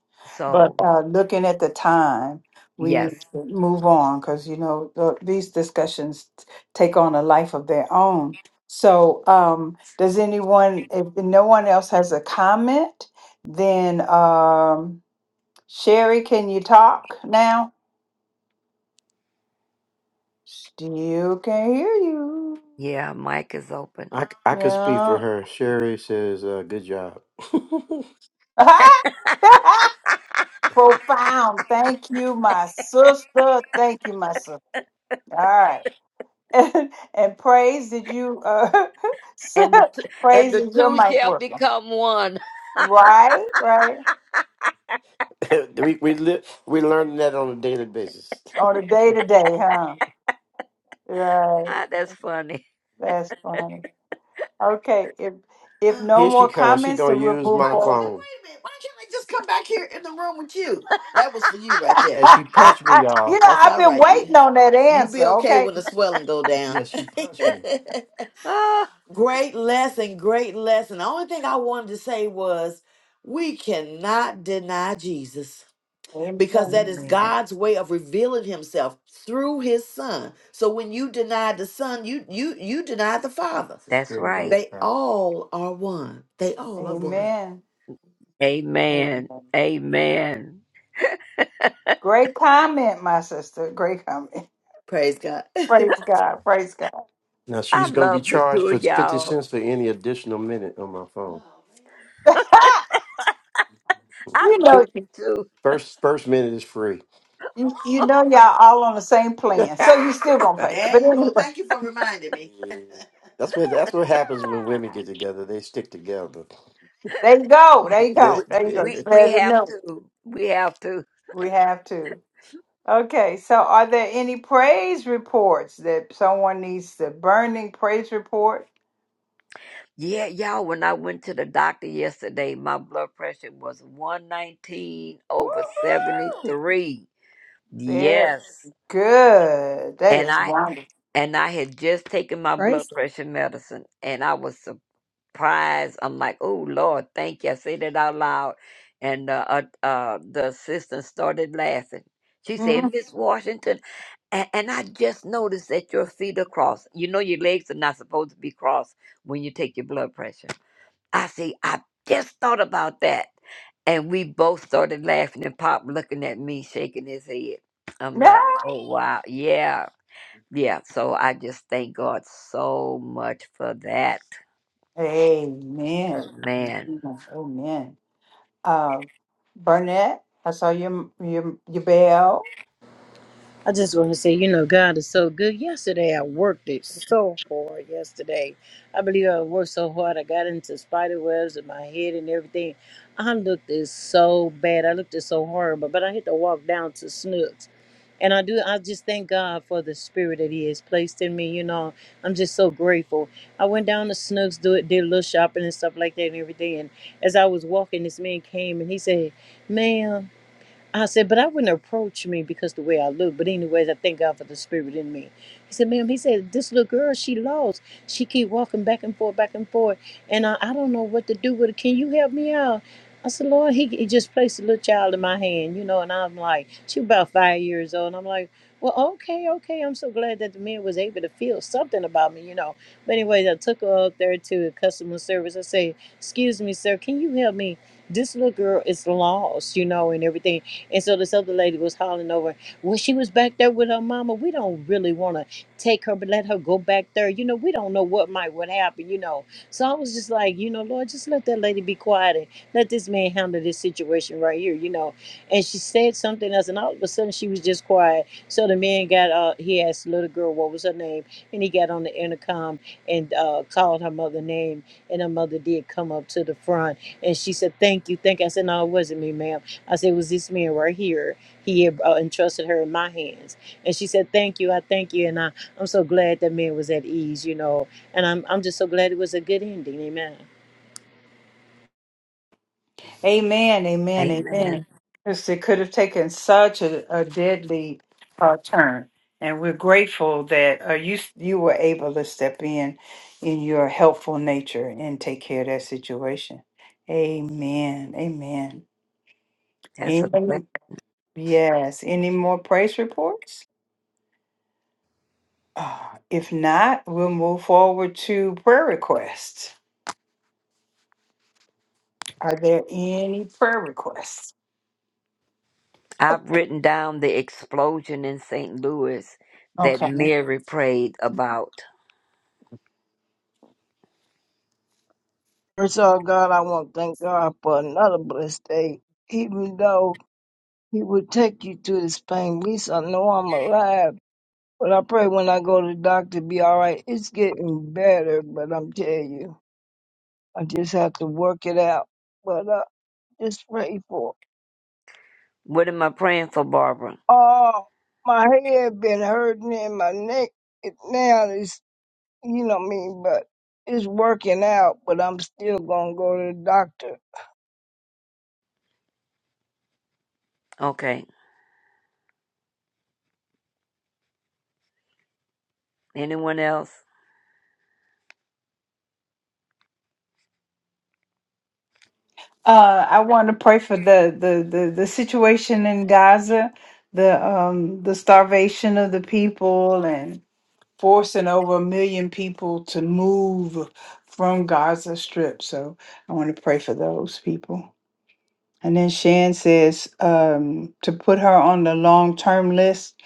Speaker 1: But
Speaker 7: So,
Speaker 1: uh, looking at the time, we
Speaker 7: yes,
Speaker 1: need to move on because you know the, these discussions take on a life of their own. So, um, does anyone? If no one else has a comment, then um, Sherry, can you talk now? Still can hear you.
Speaker 7: yeah, mic is open.
Speaker 9: I, c- I could speak for
Speaker 1: Yeah.
Speaker 9: her. Sherry says, uh, "Good job."
Speaker 1: Profound. Thank you, my sister. Thank you, my sister. All right. and, and praise did you uh
Speaker 7: and the two, and
Speaker 1: praise
Speaker 7: the
Speaker 1: is your
Speaker 7: two
Speaker 1: mic
Speaker 7: shall
Speaker 1: working
Speaker 7: become one.
Speaker 1: right right
Speaker 9: we we li- we learn that on a daily basis.
Speaker 1: on a day to day huh right
Speaker 7: Ah, that's funny.
Speaker 1: that's funny okay if if no
Speaker 9: Here she
Speaker 1: more
Speaker 9: comes. She
Speaker 1: comments
Speaker 9: gonna
Speaker 1: then we'll
Speaker 9: use
Speaker 1: move
Speaker 9: my
Speaker 1: forward
Speaker 9: phone. Wait a minute. Why can't I just come back here in the room with you? That was for you right there. And she punched me,
Speaker 1: you
Speaker 9: y'all.
Speaker 1: know
Speaker 9: That's
Speaker 1: i've
Speaker 9: all
Speaker 1: been
Speaker 9: right. You
Speaker 1: waiting on that
Speaker 9: you
Speaker 1: answer
Speaker 9: be okay
Speaker 1: okay
Speaker 9: when the swelling go down. Yes, she punched me.
Speaker 7: Ah,
Speaker 9: Great lesson, great lesson. The only thing I wanted to say was we cannot deny Jesus. because that
Speaker 1: amen
Speaker 9: is
Speaker 7: amen.
Speaker 9: God's way of revealing himself through his son. So when you deny the son, you you you deny the father. It's the
Speaker 7: That's
Speaker 9: spirit of
Speaker 7: right.
Speaker 9: They Abraham. all are one. They all are one.
Speaker 1: amen
Speaker 7: Amen.
Speaker 1: amen
Speaker 7: Amen.
Speaker 1: great comment my sister great comment
Speaker 9: Praise God.
Speaker 1: praise god praise god
Speaker 9: Now
Speaker 7: I
Speaker 9: she's gonna be
Speaker 7: love the two
Speaker 9: charged for
Speaker 7: of
Speaker 9: fifty
Speaker 7: y'all.
Speaker 9: cents for any additional minute on my phone.
Speaker 7: I
Speaker 1: you
Speaker 7: love
Speaker 1: know
Speaker 9: Two
Speaker 7: you too.
Speaker 9: first first minute is free.
Speaker 1: You, you know y'all all on the same plan, so you still gonna
Speaker 9: Yeah,
Speaker 1: pay.
Speaker 9: there
Speaker 1: But
Speaker 9: you
Speaker 1: anyway,
Speaker 9: go. Thank you for reminding me. That's what that's what happens when women get together. They stick together.
Speaker 1: there you go, there you
Speaker 7: we,
Speaker 9: That's
Speaker 1: go, there you go. You
Speaker 7: we we
Speaker 1: better
Speaker 7: have
Speaker 1: know it.
Speaker 7: to. We have to.
Speaker 1: we have to. Okay, so are there any praise reports that someone needs the burning praise report?
Speaker 7: Yeah, y'all, when I went to the doctor yesterday, my blood pressure was 119 over
Speaker 1: Woo-hoo!
Speaker 7: 73.
Speaker 1: Very
Speaker 7: Yes.
Speaker 1: good. That
Speaker 7: And
Speaker 1: is
Speaker 7: I
Speaker 1: wonderful.
Speaker 7: and I had just taken my blood
Speaker 2: Praise. the
Speaker 7: pressure medicine and I was surprised. I'm like, "Oh Lord, thank you." I said it out loud and uh, uh, uh the assistant started laughing. She said,
Speaker 1: Mhm.
Speaker 7: "Miss Washington, and, and I just noticed that your feet are crossed. You know your legs are not supposed to be crossed when you take your blood pressure." I see, I just thought about that. And we both started laughing and Pop looking at me, shaking his head. I'm
Speaker 1: Yeah.
Speaker 7: like, oh, wow. Yeah. Yeah. So I just thank God so much for that.
Speaker 1: Amen.
Speaker 7: Amen.
Speaker 1: Amen. Amen. Uh, Burnett, I saw your your your bell.
Speaker 8: I just want to say, you know, God is so good. Yesterday, I worked it so hard. Yesterday, I believe I worked so hard. I got into spider webs in my head and everything. I looked it so bad. I looked it so horrible. But I had to walk down to Snooks, and I do. I just thank God for the spirit that He has placed in me. You know, I'm just so grateful. I went down to Snooks, do it, did a little shopping and stuff like that and everything. And as I was walking, this man came and he said, "Ma'am." I said, but I wouldn't approach me because the way I look. But anyways, I thank God for the spirit in me. He said, ma'am, he said, this little girl, she lost. She keep walking back and forth, back and forth. And I, I don't know what to do with it. Can you help me out? I said, Lord, he, he just placed a little child in my hand, you know, and I'm like, she about five years old. And I'm like, well, okay, okay. I'm so glad that the man was able to feel something about me, you know. But anyways, I took her up there to customer service. I say, excuse me, sir, can you help me? This little girl is lost, you know, and everything and so this other lady was hollering over, well, she was back there with her mama. We don't really want to take her, but let her go back there. You know, we don't know what might would happen, you know. So I was just like, you know, Lord, just let that lady be quiet and let this man handle this situation right here, you know. And she said something else, and all of a sudden she was just quiet. So the man got, uh, he asked the little girl what was her name, and he got on the intercom and uh, called her mother name. And her mother did come up to the front and she said, Thank you. Thank you. I said, No, it wasn't me, ma'am. I said, It was this man right here. He had uh, entrusted her in my hands. And she said, Thank you. I thank you. And I, I'm so glad that man was at ease, you know. And I'm, I'm just so glad it was a good ending. Amen.
Speaker 1: Amen, amen,
Speaker 7: Amen.
Speaker 1: amen. Because it could have taken such a, a deadly uh, turn, and we're grateful that uh, you you were able to step in in your helpful nature and take care of that situation. Amen, amen.
Speaker 7: That's a blessing.
Speaker 1: Any, yes. Any more praise reports? Uh, if not, we'll move forward to prayer requests. Are there any prayer requests? Oh,
Speaker 7: I've written down the explosion in St. Louis that
Speaker 1: okay.
Speaker 7: Mary prayed about.
Speaker 3: First of all, God, I want to thank God for another blessed day, even though He will take you through this pain. At least I know I'm alive. But I pray when I go to the doctor, be all right. It's getting better, but I'm telling you, I just have to work it out. But uh, just pray for.
Speaker 7: What am I praying for, Barbara?
Speaker 3: Oh, my head been hurting and my neck. It now is, you know what I mean. But it's working out. But I'm still gonna go to the doctor.
Speaker 7: Okay. Anyone else?
Speaker 1: Uh, I want to pray for the, the, the, the situation in Gaza, the um, the starvation of the people, and forcing over a million people to move from Gaza Strip. So I want to pray for those people. And then Shan says um, to put her on the long term list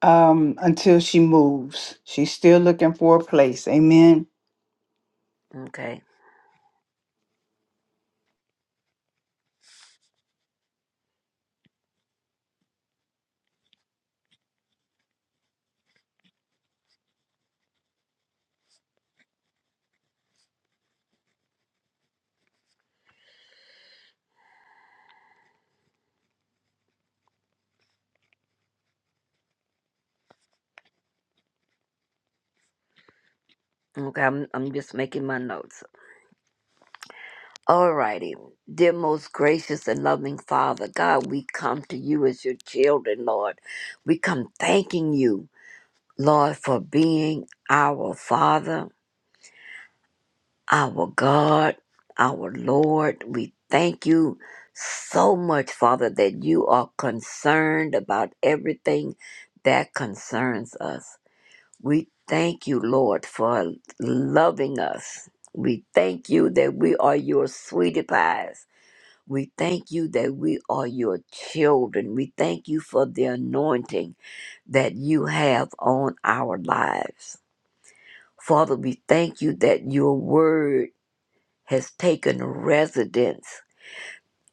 Speaker 1: um, until she moves. She's still looking for a place. Amen.
Speaker 7: Okay. Okay. I'm, I'm just making my notes. Alrighty, dear most gracious and loving Father, God, we come to you as your children, Lord. We come thanking you, Lord, for being our Father, our God, our Lord. We thank you so much, Father, that you are concerned about everything that concerns us. We thank you, Lord, for loving us. We thank you that we are your sweetie pies. We thank you that we are your children. We thank you for the anointing that you have on our lives. Father, we thank you that your word has taken residence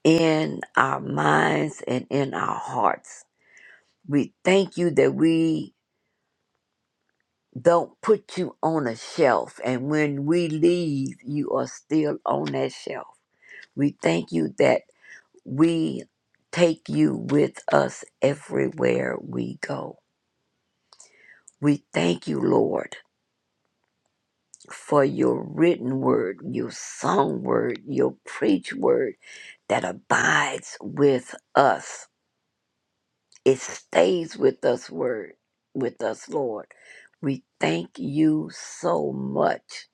Speaker 7: in our minds and in our hearts. We thank you that we don't put you on a shelf, and when we leave, you are still on that shelf. We thank you that We take you with us everywhere we go. We thank you, Lord, for your written word, your song word, your preach word that abides with us. It stays with us, word, with us, Lord. We thank you so much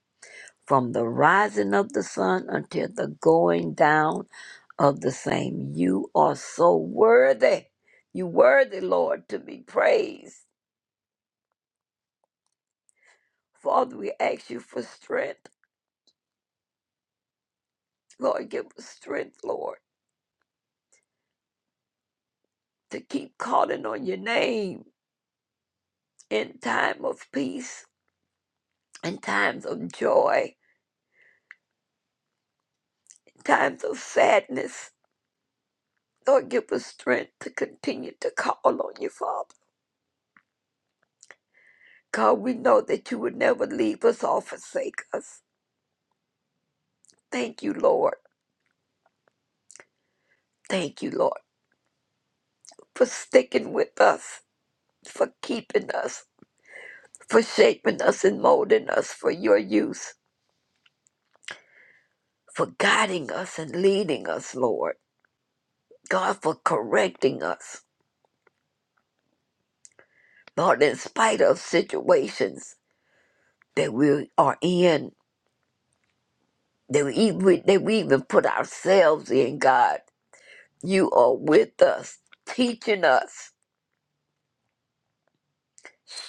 Speaker 7: from the rising of the sun until the going down of the same. You are so worthy. You worthy, Lord, to be praised. Father, we ask you for strength. Lord, give us strength, Lord, to keep calling on your name in time of peace, in times of joy, times of sadness. Lord, give us strength to continue to call on you, Father. God, we know that you would never leave us or forsake us. Thank you, Lord. Thank you, Lord, for sticking with us, for keeping us. for shaping us and molding us for your use, for guiding us and leading us, Lord. God, for correcting us, Lord, in spite of situations that we are in, that we even, that we even put ourselves in, God. You are with us, teaching us,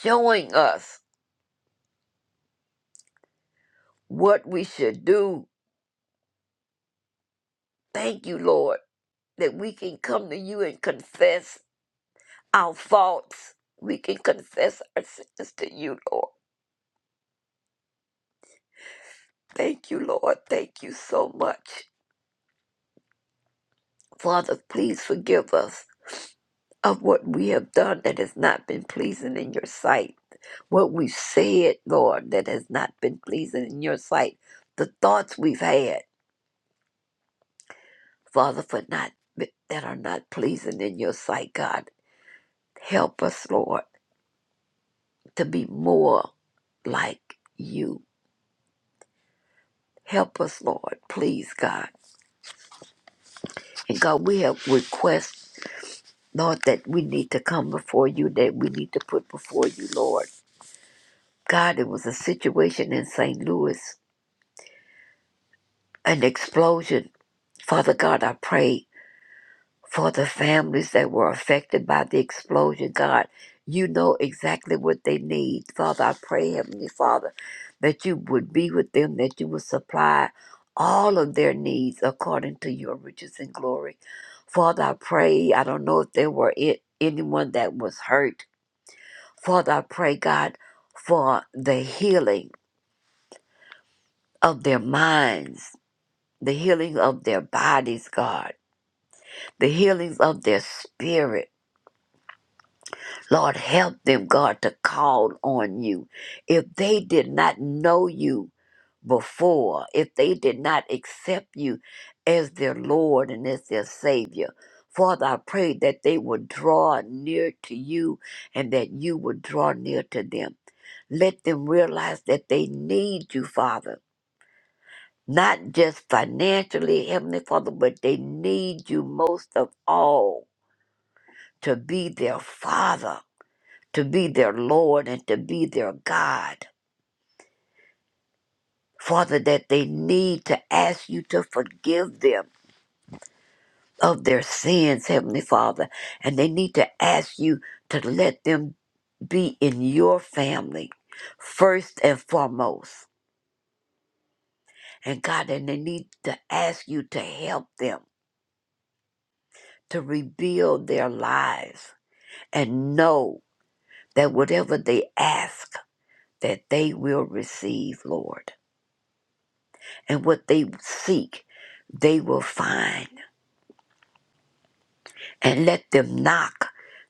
Speaker 7: showing us what we should do. Thank you, Lord, that we can come to you and confess our faults. We can confess our sins to you, Lord Thank you, Lord. Thank you so much. Father, please forgive us of what we have done that has not been pleasing in your sight. What we've said, Lord, that has not been pleasing in your sight. The thoughts we've had, Father, for not that are not pleasing in your sight, God. Help us, Lord, to be more like you. Help us, Lord, please, God. And God, we have requests, Lord, that we need to come before you, that we need to put before you, Lord. God, it was a situation in St. Louis, an explosion. Father God, I pray for the families that were affected by the explosion. God, you know exactly what they need. Father, I pray, Heavenly Father, that you would be with them, that you would supply all of their needs according to your riches and glory. Father, I pray, I don't know if there were it, anyone that was hurt. Father, I pray, God, for the healing of their minds the healing of their bodies, God, the healings of their spirit. Lord, help them, God, to call on you. If they did not know you before, if they did not accept you as their Lord and as their Savior, Father, I pray that they would draw near to you and that you would draw near to them. Let them realize that they need you, Father not just financially, Heavenly Father, but they need you most of all to be their Father, to be their Lord, and to be their God. Father, that they need to ask you to forgive them of their sins, Heavenly Father, and they need to ask you to let them be in your family first and foremost. And God, and they need to ask you to help them to rebuild their lives and know that whatever they ask, that they will receive, Lord. And what they seek, they will find. And let them knock,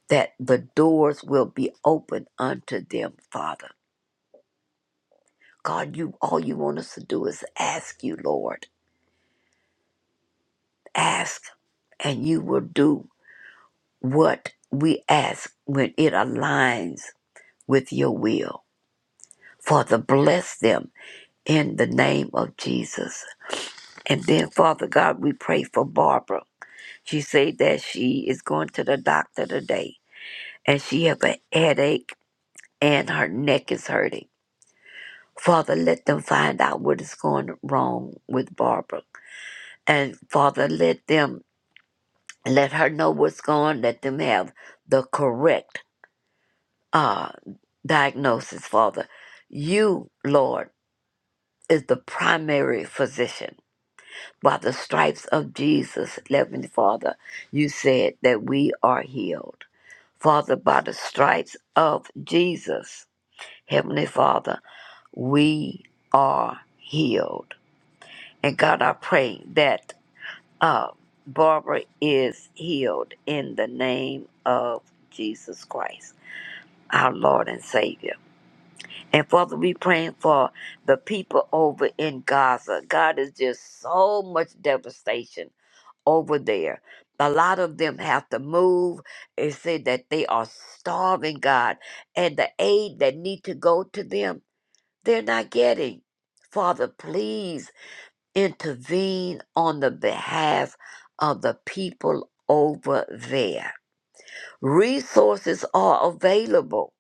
Speaker 7: that the doors will be open unto them, Father. God, you all you want us to do is ask you, Lord. Ask, and you will do what we ask when it aligns with your will. Father, bless them in the name of Jesus. And then, Father God, we pray for Barbara. She said that she is going to the doctor today and she have a headache and her neck is hurting. Father, let them find out what is going wrong with Barbara. And Father, let them let her know what's going, let them have the correct uh diagnosis, Father. You, Lord, is the primary physician. By the stripes of Jesus, Heavenly Father, you said that we are healed. Father, by the stripes of Jesus, Heavenly Father, we are healed. And God, I pray that uh, Barbara is healed in the name of Jesus Christ, our Lord and Savior. And Father, we praying for the people over in Gaza. God is just so much devastation over there. A lot of them have to move. It said that they are starving, God, and the aid that need to go to them, they're not getting. Father, please intervene on the behalf of the people over there. Resources are available,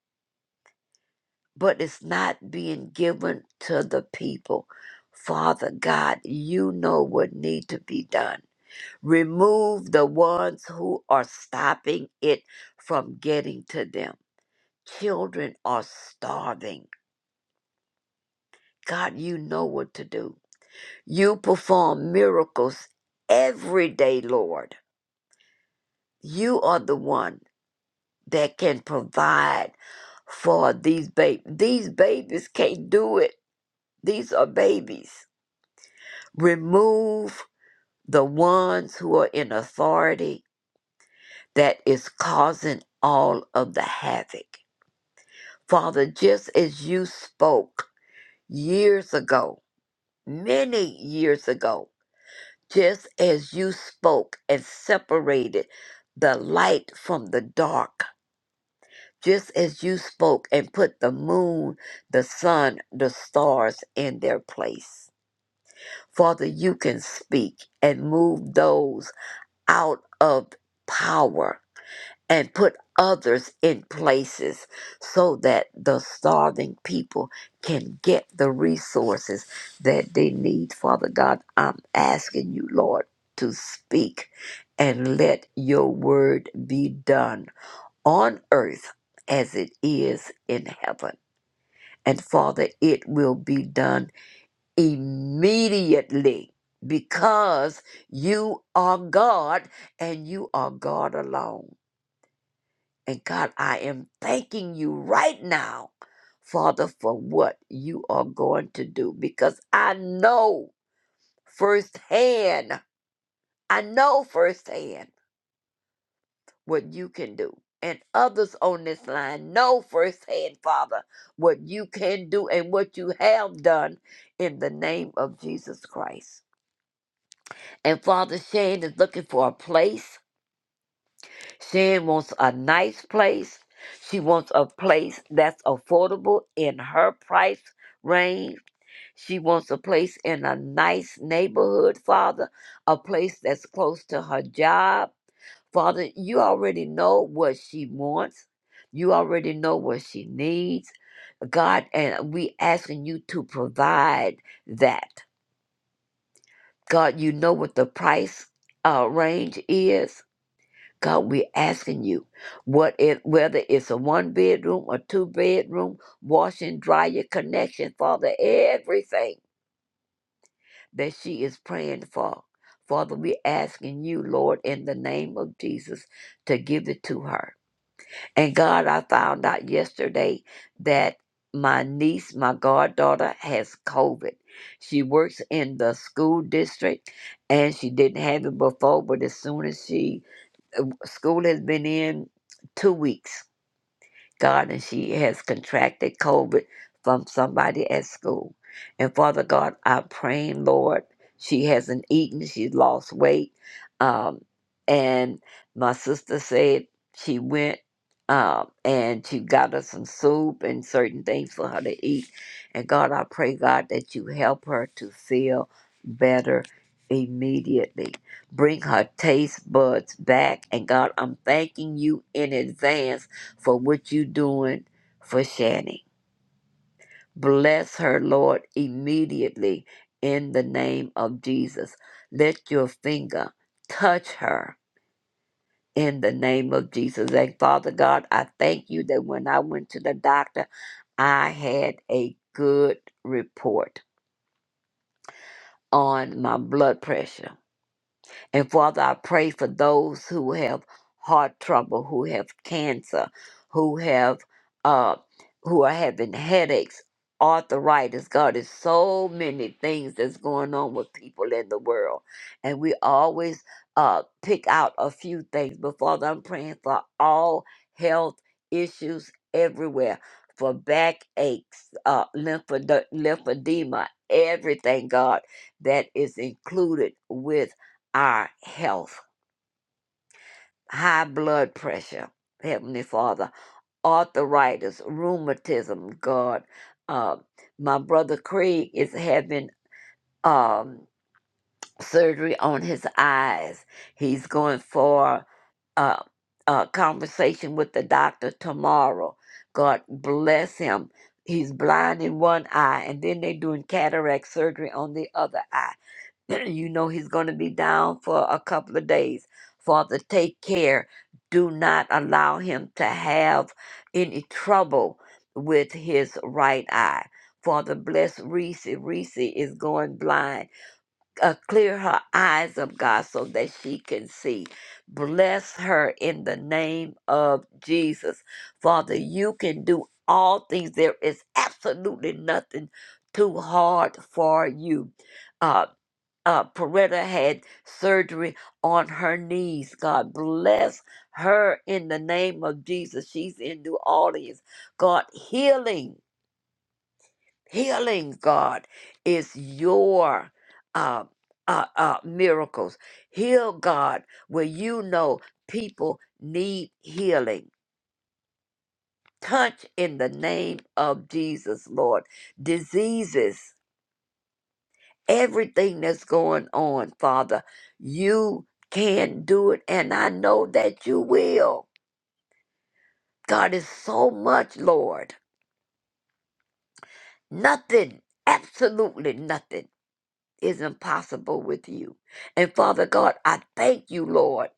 Speaker 7: but it's not being given to the people. Father God, you know what need to be done. Remove the ones who are stopping it from getting to them. Children are starving. God, you know what to do. You perform miracles every day, Lord. You are the one that can provide for these babies. These babies can't do it. These are babies. Remove the ones who are in authority that is causing all of the havoc. Father, just as you spoke years ago, many years ago, just as you spoke and separated the light from the dark, just as you spoke and put the moon, the sun, the stars in their place. Father, you can speak and move those out of power and put others in places so that the starving people can get the resources that they need. Father God, I'm asking you, Lord, to speak and let your word be done on earth as it is in heaven. And Father, it will be done immediately because you are God and you are God alone. And God, I am thanking you right now, Father, for what you are going to do because I know firsthand, I know firsthand what you can do. And others on this line know firsthand, Father, what you can do and what you have done in the name of Jesus Christ. And Father Shane is looking for a place She wants a nice place. She wants a place that's affordable in her price range. She wants a place in a nice neighborhood, Father, a place that's close to her job. Father, you already know what she wants. You already know what she needs. God, and we asking you to provide that. God, you know what the price uh, range is. God, we're asking you what it whether it's a one bedroom or two bedroom, wash and dryer connection, Father, everything that she is praying for. Father, we're asking you, Lord, in the name of Jesus, to give it to her. And God, I found out yesterday that my niece, my goddaughter, has COVID. She works in the school district and she didn't have it before, but as soon as she uh, school has been in two weeks God, and she has contracted COVID from somebody at school. And Father God, I'm praying, Lord, she hasn't eaten, she's lost weight. Um, and my sister said she went um, and she got her some soup and certain things for her to eat. And God, I pray, God, that you help her to feel better immediately. Bring her taste buds back. And God, I'm thanking you in advance for what you're doing for Shani? Bless her, Lord, immediately in the name of Jesus. Let your finger touch her in the name of Jesus. And Father God, I thank you that when I went to the doctor, I had a good report on my blood pressure. And Father, I pray for those who have heart trouble, who have cancer, who have uh who are having headaches, arthritis. God, there's so many things that's going on with people in the world. And we always uh pick out a few things. But Father, I'm praying for all health issues everywhere. For backaches, uh, lymphode- lymphedema, everything, God, that is included with our health, high blood pressure, Heavenly Father, arthritis, rheumatism, God. Uh, my brother Craig is having um, surgery on his eyes. He's going for uh, a conversation with the doctor tomorrow. God bless him. He's blind in one eye, and then they're doing cataract surgery on the other eye. you know he's going to be down for a couple of days. Father, take care. Do not allow him to have any trouble with his right eye. Father, bless Reese. Reese is going blind. Uh, clear her eyes of God so that she can see. Bless her in the name of Jesus. Father, you can do all things. There is absolutely nothing too hard for you Uh uh, Peretta had surgery on her knees. God bless her in the name of Jesus. She's in New Orleans. God, healing, healing, God, is your uh, uh, uh, miracles. Heal, God, where you know people need healing. Touch in the name of Jesus, Lord. Diseases. everything that's going on, Father. You can do it, and I know that you will. God is so much, Lord. Nothing, absolutely nothing, is impossible with you. And Father God, I thank you, Lord.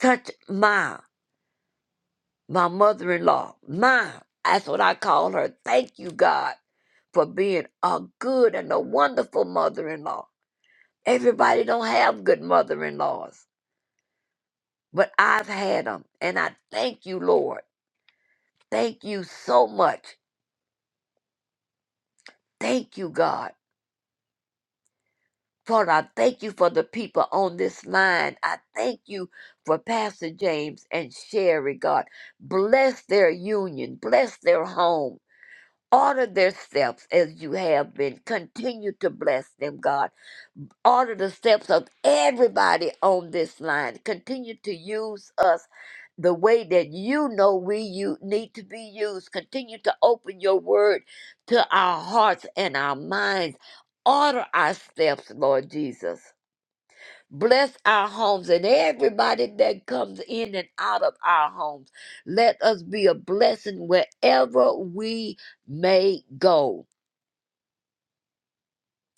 Speaker 7: Touch my my mother-in-law, my that's what I call her. Thank you, God, for being a good and a wonderful mother-in-law. Everybody don't have good mother-in-laws. but I've had them. And I thank you, Lord. Thank you so much. Thank you, God. Father, I thank you for the people on this line. I thank you for Pastor James and Sherry, God. Bless their union, bless their home. Order their steps as you have been. Continue to bless them, God. order the steps of everybody on this line. Continue to use us the way that you know we you need to be used. Continue to open your word to our hearts and our minds. Order our steps, Lord Jesus. Bless our homes and everybody that comes in and out of our homes. Let us be a blessing wherever we may go.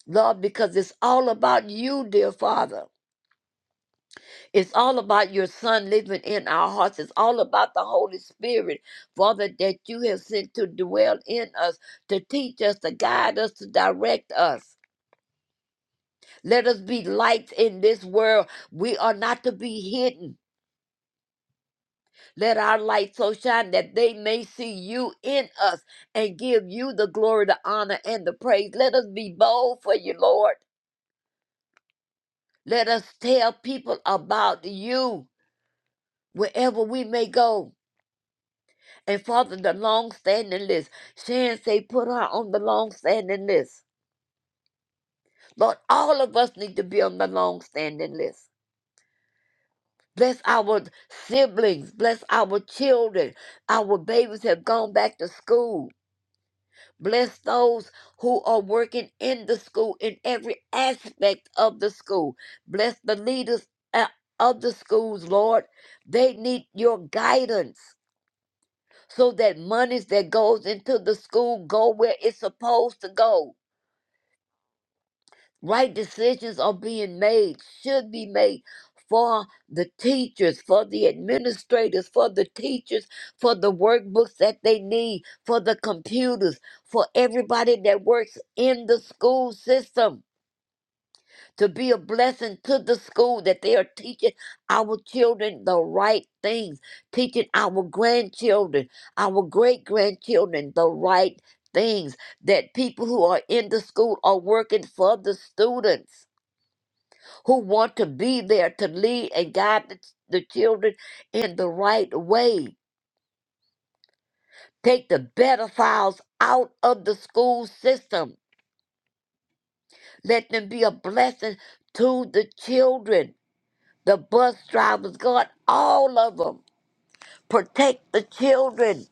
Speaker 7: Lord, because it's all about you, dear Father. It's all about your son living in our hearts. It's all about the Holy Spirit, Father, that you have sent to dwell in us, to teach us, to guide us, to direct us. Let us be lights in this world. We are not to be hidden. Let our light so shine that they may see you in us and give you the glory, the honor, and the praise. Let us be bold for you, Lord. Let us tell people about you wherever we may go. And Father, the long standing list. Shan say put her on the long standing list. Lord, all of us need to be on the long standing list. Bless our siblings. Bless our children. Our babies have gone back to school. Bless those who are working in the school in every aspect of the school. Bless the leaders uh, of the schools, Lord. They need your guidance. so that monies that goes into the school go where it's supposed to go. Right decisions are being made, should be made for the teachers, for the administrators, for the teachers, for the workbooks that they need, for the computers, for everybody that works in the school system. to be a blessing to the school that they are teaching our children the right things, teaching our grandchildren, our great grandchildren the right things, that people who are in the school are working for the students who want to be there to lead and guide the, the children in the right way. Take the pedophiles out of the school system. Let them be a blessing to the children the bus drivers, God, all of them. Protect the children.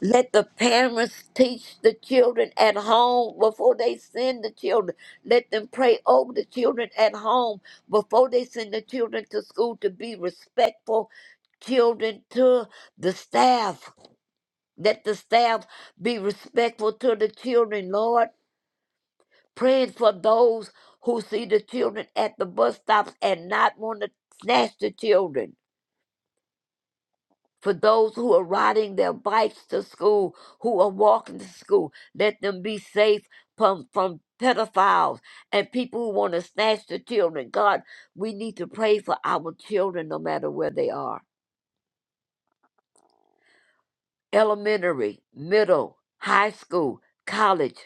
Speaker 7: Let the parents teach the children at home before they send the children. Let them pray over the children at home before they send the children to school to be respectful children to the staff. Let the staff be respectful to the children, Lord. Praying for those who see the children at the bus stops and not want to snatch the children for those who are riding their bikes to school, who are walking to school. Let them be safe from, from pedophiles and people who want to snatch the children. God, we need to pray for our children no matter where they are elementary, middle, high school, college.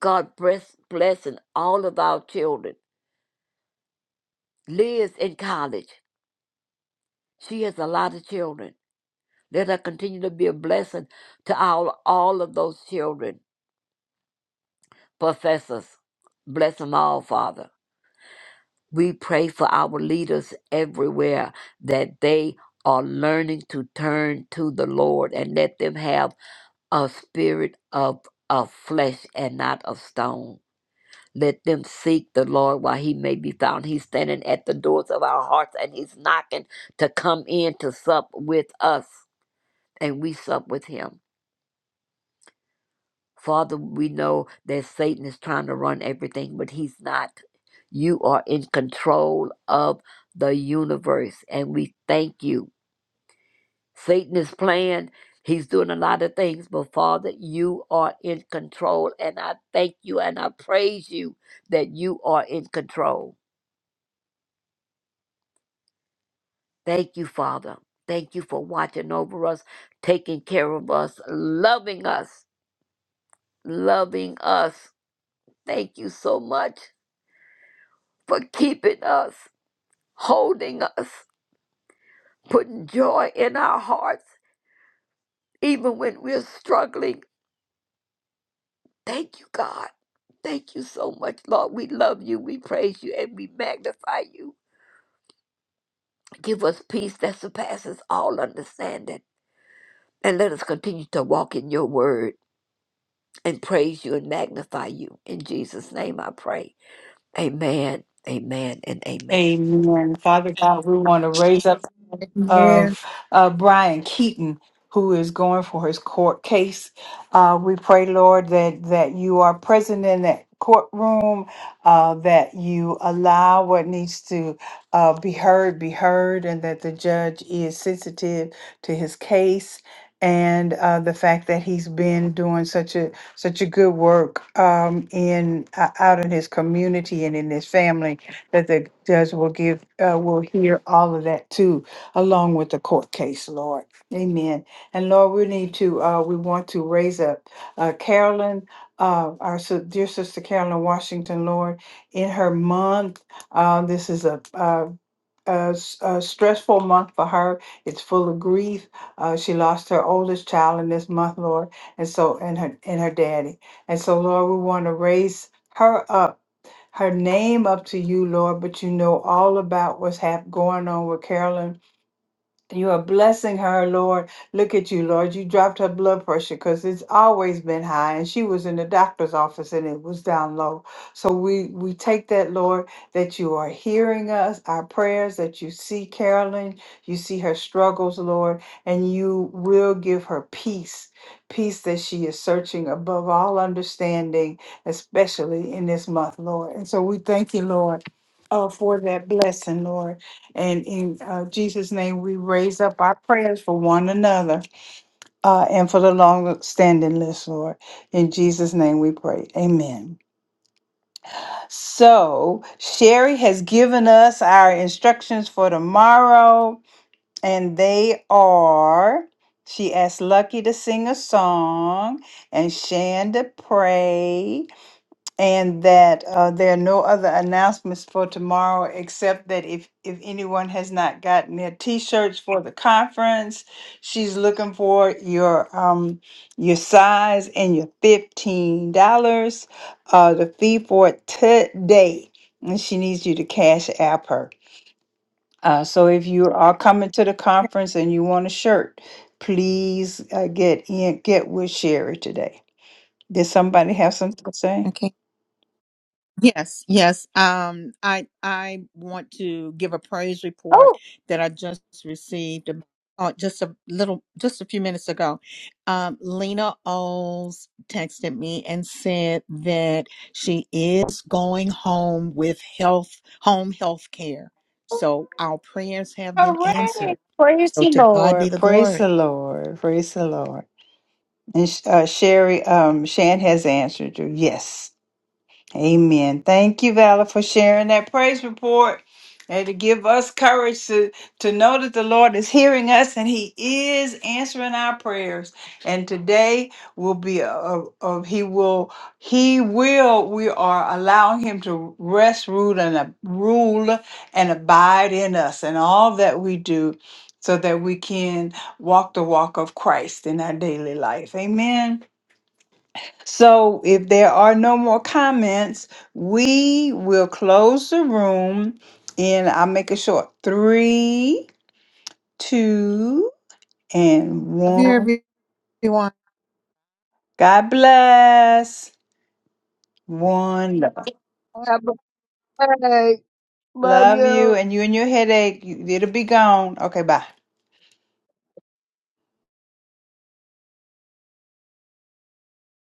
Speaker 7: God bless, blessing all of our children. Liz in college. She has a lot of children. Let her continue to be a blessing to all, all of those children. professors. Bless them all, Father. We pray for our leaders everywhere that they are learning to turn to the Lord and let them have a spirit of, of flesh and not of stone. Let them seek the Lord while he may be found. He's standing at the doors of our hearts and he's knocking to come in to sup with us, and we sup with him. Father, we know that Satan is trying to run everything, but he's not. You are in control of the universe, and we thank you. Satan is playing, he's doing a lot of things, but Father, you are in control, and I thank you and I praise you that you are in control. Thank you, Father. Thank you for watching over us, taking care of us, loving us, loving us. Thank you so much for keeping us. holding us, putting joy in our hearts, even when we're struggling. Thank you, God. Thank you so much, Lord. We love you, we praise you, and we magnify you. Give us peace that surpasses all understanding. And let us continue to walk in your word and praise you and magnify you. In Jesus' name I pray. Amen, amen, and amen.
Speaker 1: Amen. Father God, we want to raise up
Speaker 2: Amen.
Speaker 1: of uh, Brian Keaton, who is going for his court case. Uh, we pray, Lord, that that you are present in that courtroom, uh, that you allow what needs to uh, be heard be heard, and that the judge is sensitive to his case. And uh, the fact that he's been doing such a such a good work um, in uh, out in his community and in his family, that the judge will give uh, will hear all of that too along with the court case, Lord. Amen. And Lord, we need to, uh, we want to raise up uh, Carolyn, uh, our si- dear sister Carolyn Washington, Lord, in her month. Uh, this is a, uh a, s- a stressful month for her. It's full of grief. Uh, she lost her oldest child in this month, Lord, and so and her and her daddy. And so, Lord, we want to raise her up, her name up to you, Lord. But you know all about what's hap- going on with Carolyn you are blessing her, Lord. Look at you, Lord. You dropped her blood pressure because it's always been high, and she was in the doctor's office and it was down low. So we we take that, Lord, that you are hearing us, our prayers, that you see Carolyn, you see her struggles, Lord, and you will give her peace, peace that she is searching above all understanding, especially in this month, Lord. And so we thank you, Lord, uh, for that blessing, Lord. And in uh, Jesus' name, we raise up our prayers for one another uh, and for the long standing list, Lord. In Jesus' name we pray. Amen. So, Sherry has given us our instructions for tomorrow, and they are she asked Lucky to sing a song and Shan to pray. And that uh, there are no other announcements for tomorrow, except that if, if anyone has not gotten their t-shirts for the conference, she's looking for your um your size and your fifteen dollars, uh, the fee for it today, and she needs you to cash app her. Uh, so if you are coming to the conference and you want a shirt, please uh, get in get with Sherry today. Did somebody have something to say?
Speaker 2: Okay. Yes, yes. Um, I I want to give a praise report
Speaker 1: Oh.
Speaker 2: that I just received ab- oh, just a little, just a few minutes ago. Um, Lena Oles texted me and said that she is going home with health, home health care. So our prayers have
Speaker 1: All
Speaker 2: been
Speaker 1: right.
Speaker 2: answered.
Speaker 1: Praise
Speaker 2: So
Speaker 1: the
Speaker 2: to God be
Speaker 1: Lord.
Speaker 2: the
Speaker 1: Praise
Speaker 2: glory.
Speaker 1: the Lord. Praise the Lord. And uh, Sherry, um, Shan has answered you. Yes. Amen. Thank you, Vala, for sharing that praise report and to give us courage to, to know that the Lord is hearing us and He is answering our prayers. And today will be a, a, a- He will He will we are allowing Him to rest, rule, and ab- rule and abide in us and all that we do, so that we can walk the walk of Christ in our daily life. Amen. So if there are no more comments, we will close the room and I'll make it short. Three, two, and
Speaker 2: Love you,
Speaker 1: one.
Speaker 2: everyone.
Speaker 1: God bless. One love.
Speaker 3: Have a day. love
Speaker 1: Love you
Speaker 3: you.
Speaker 1: and you and your headache. you- It'll be gone. Okay, bye.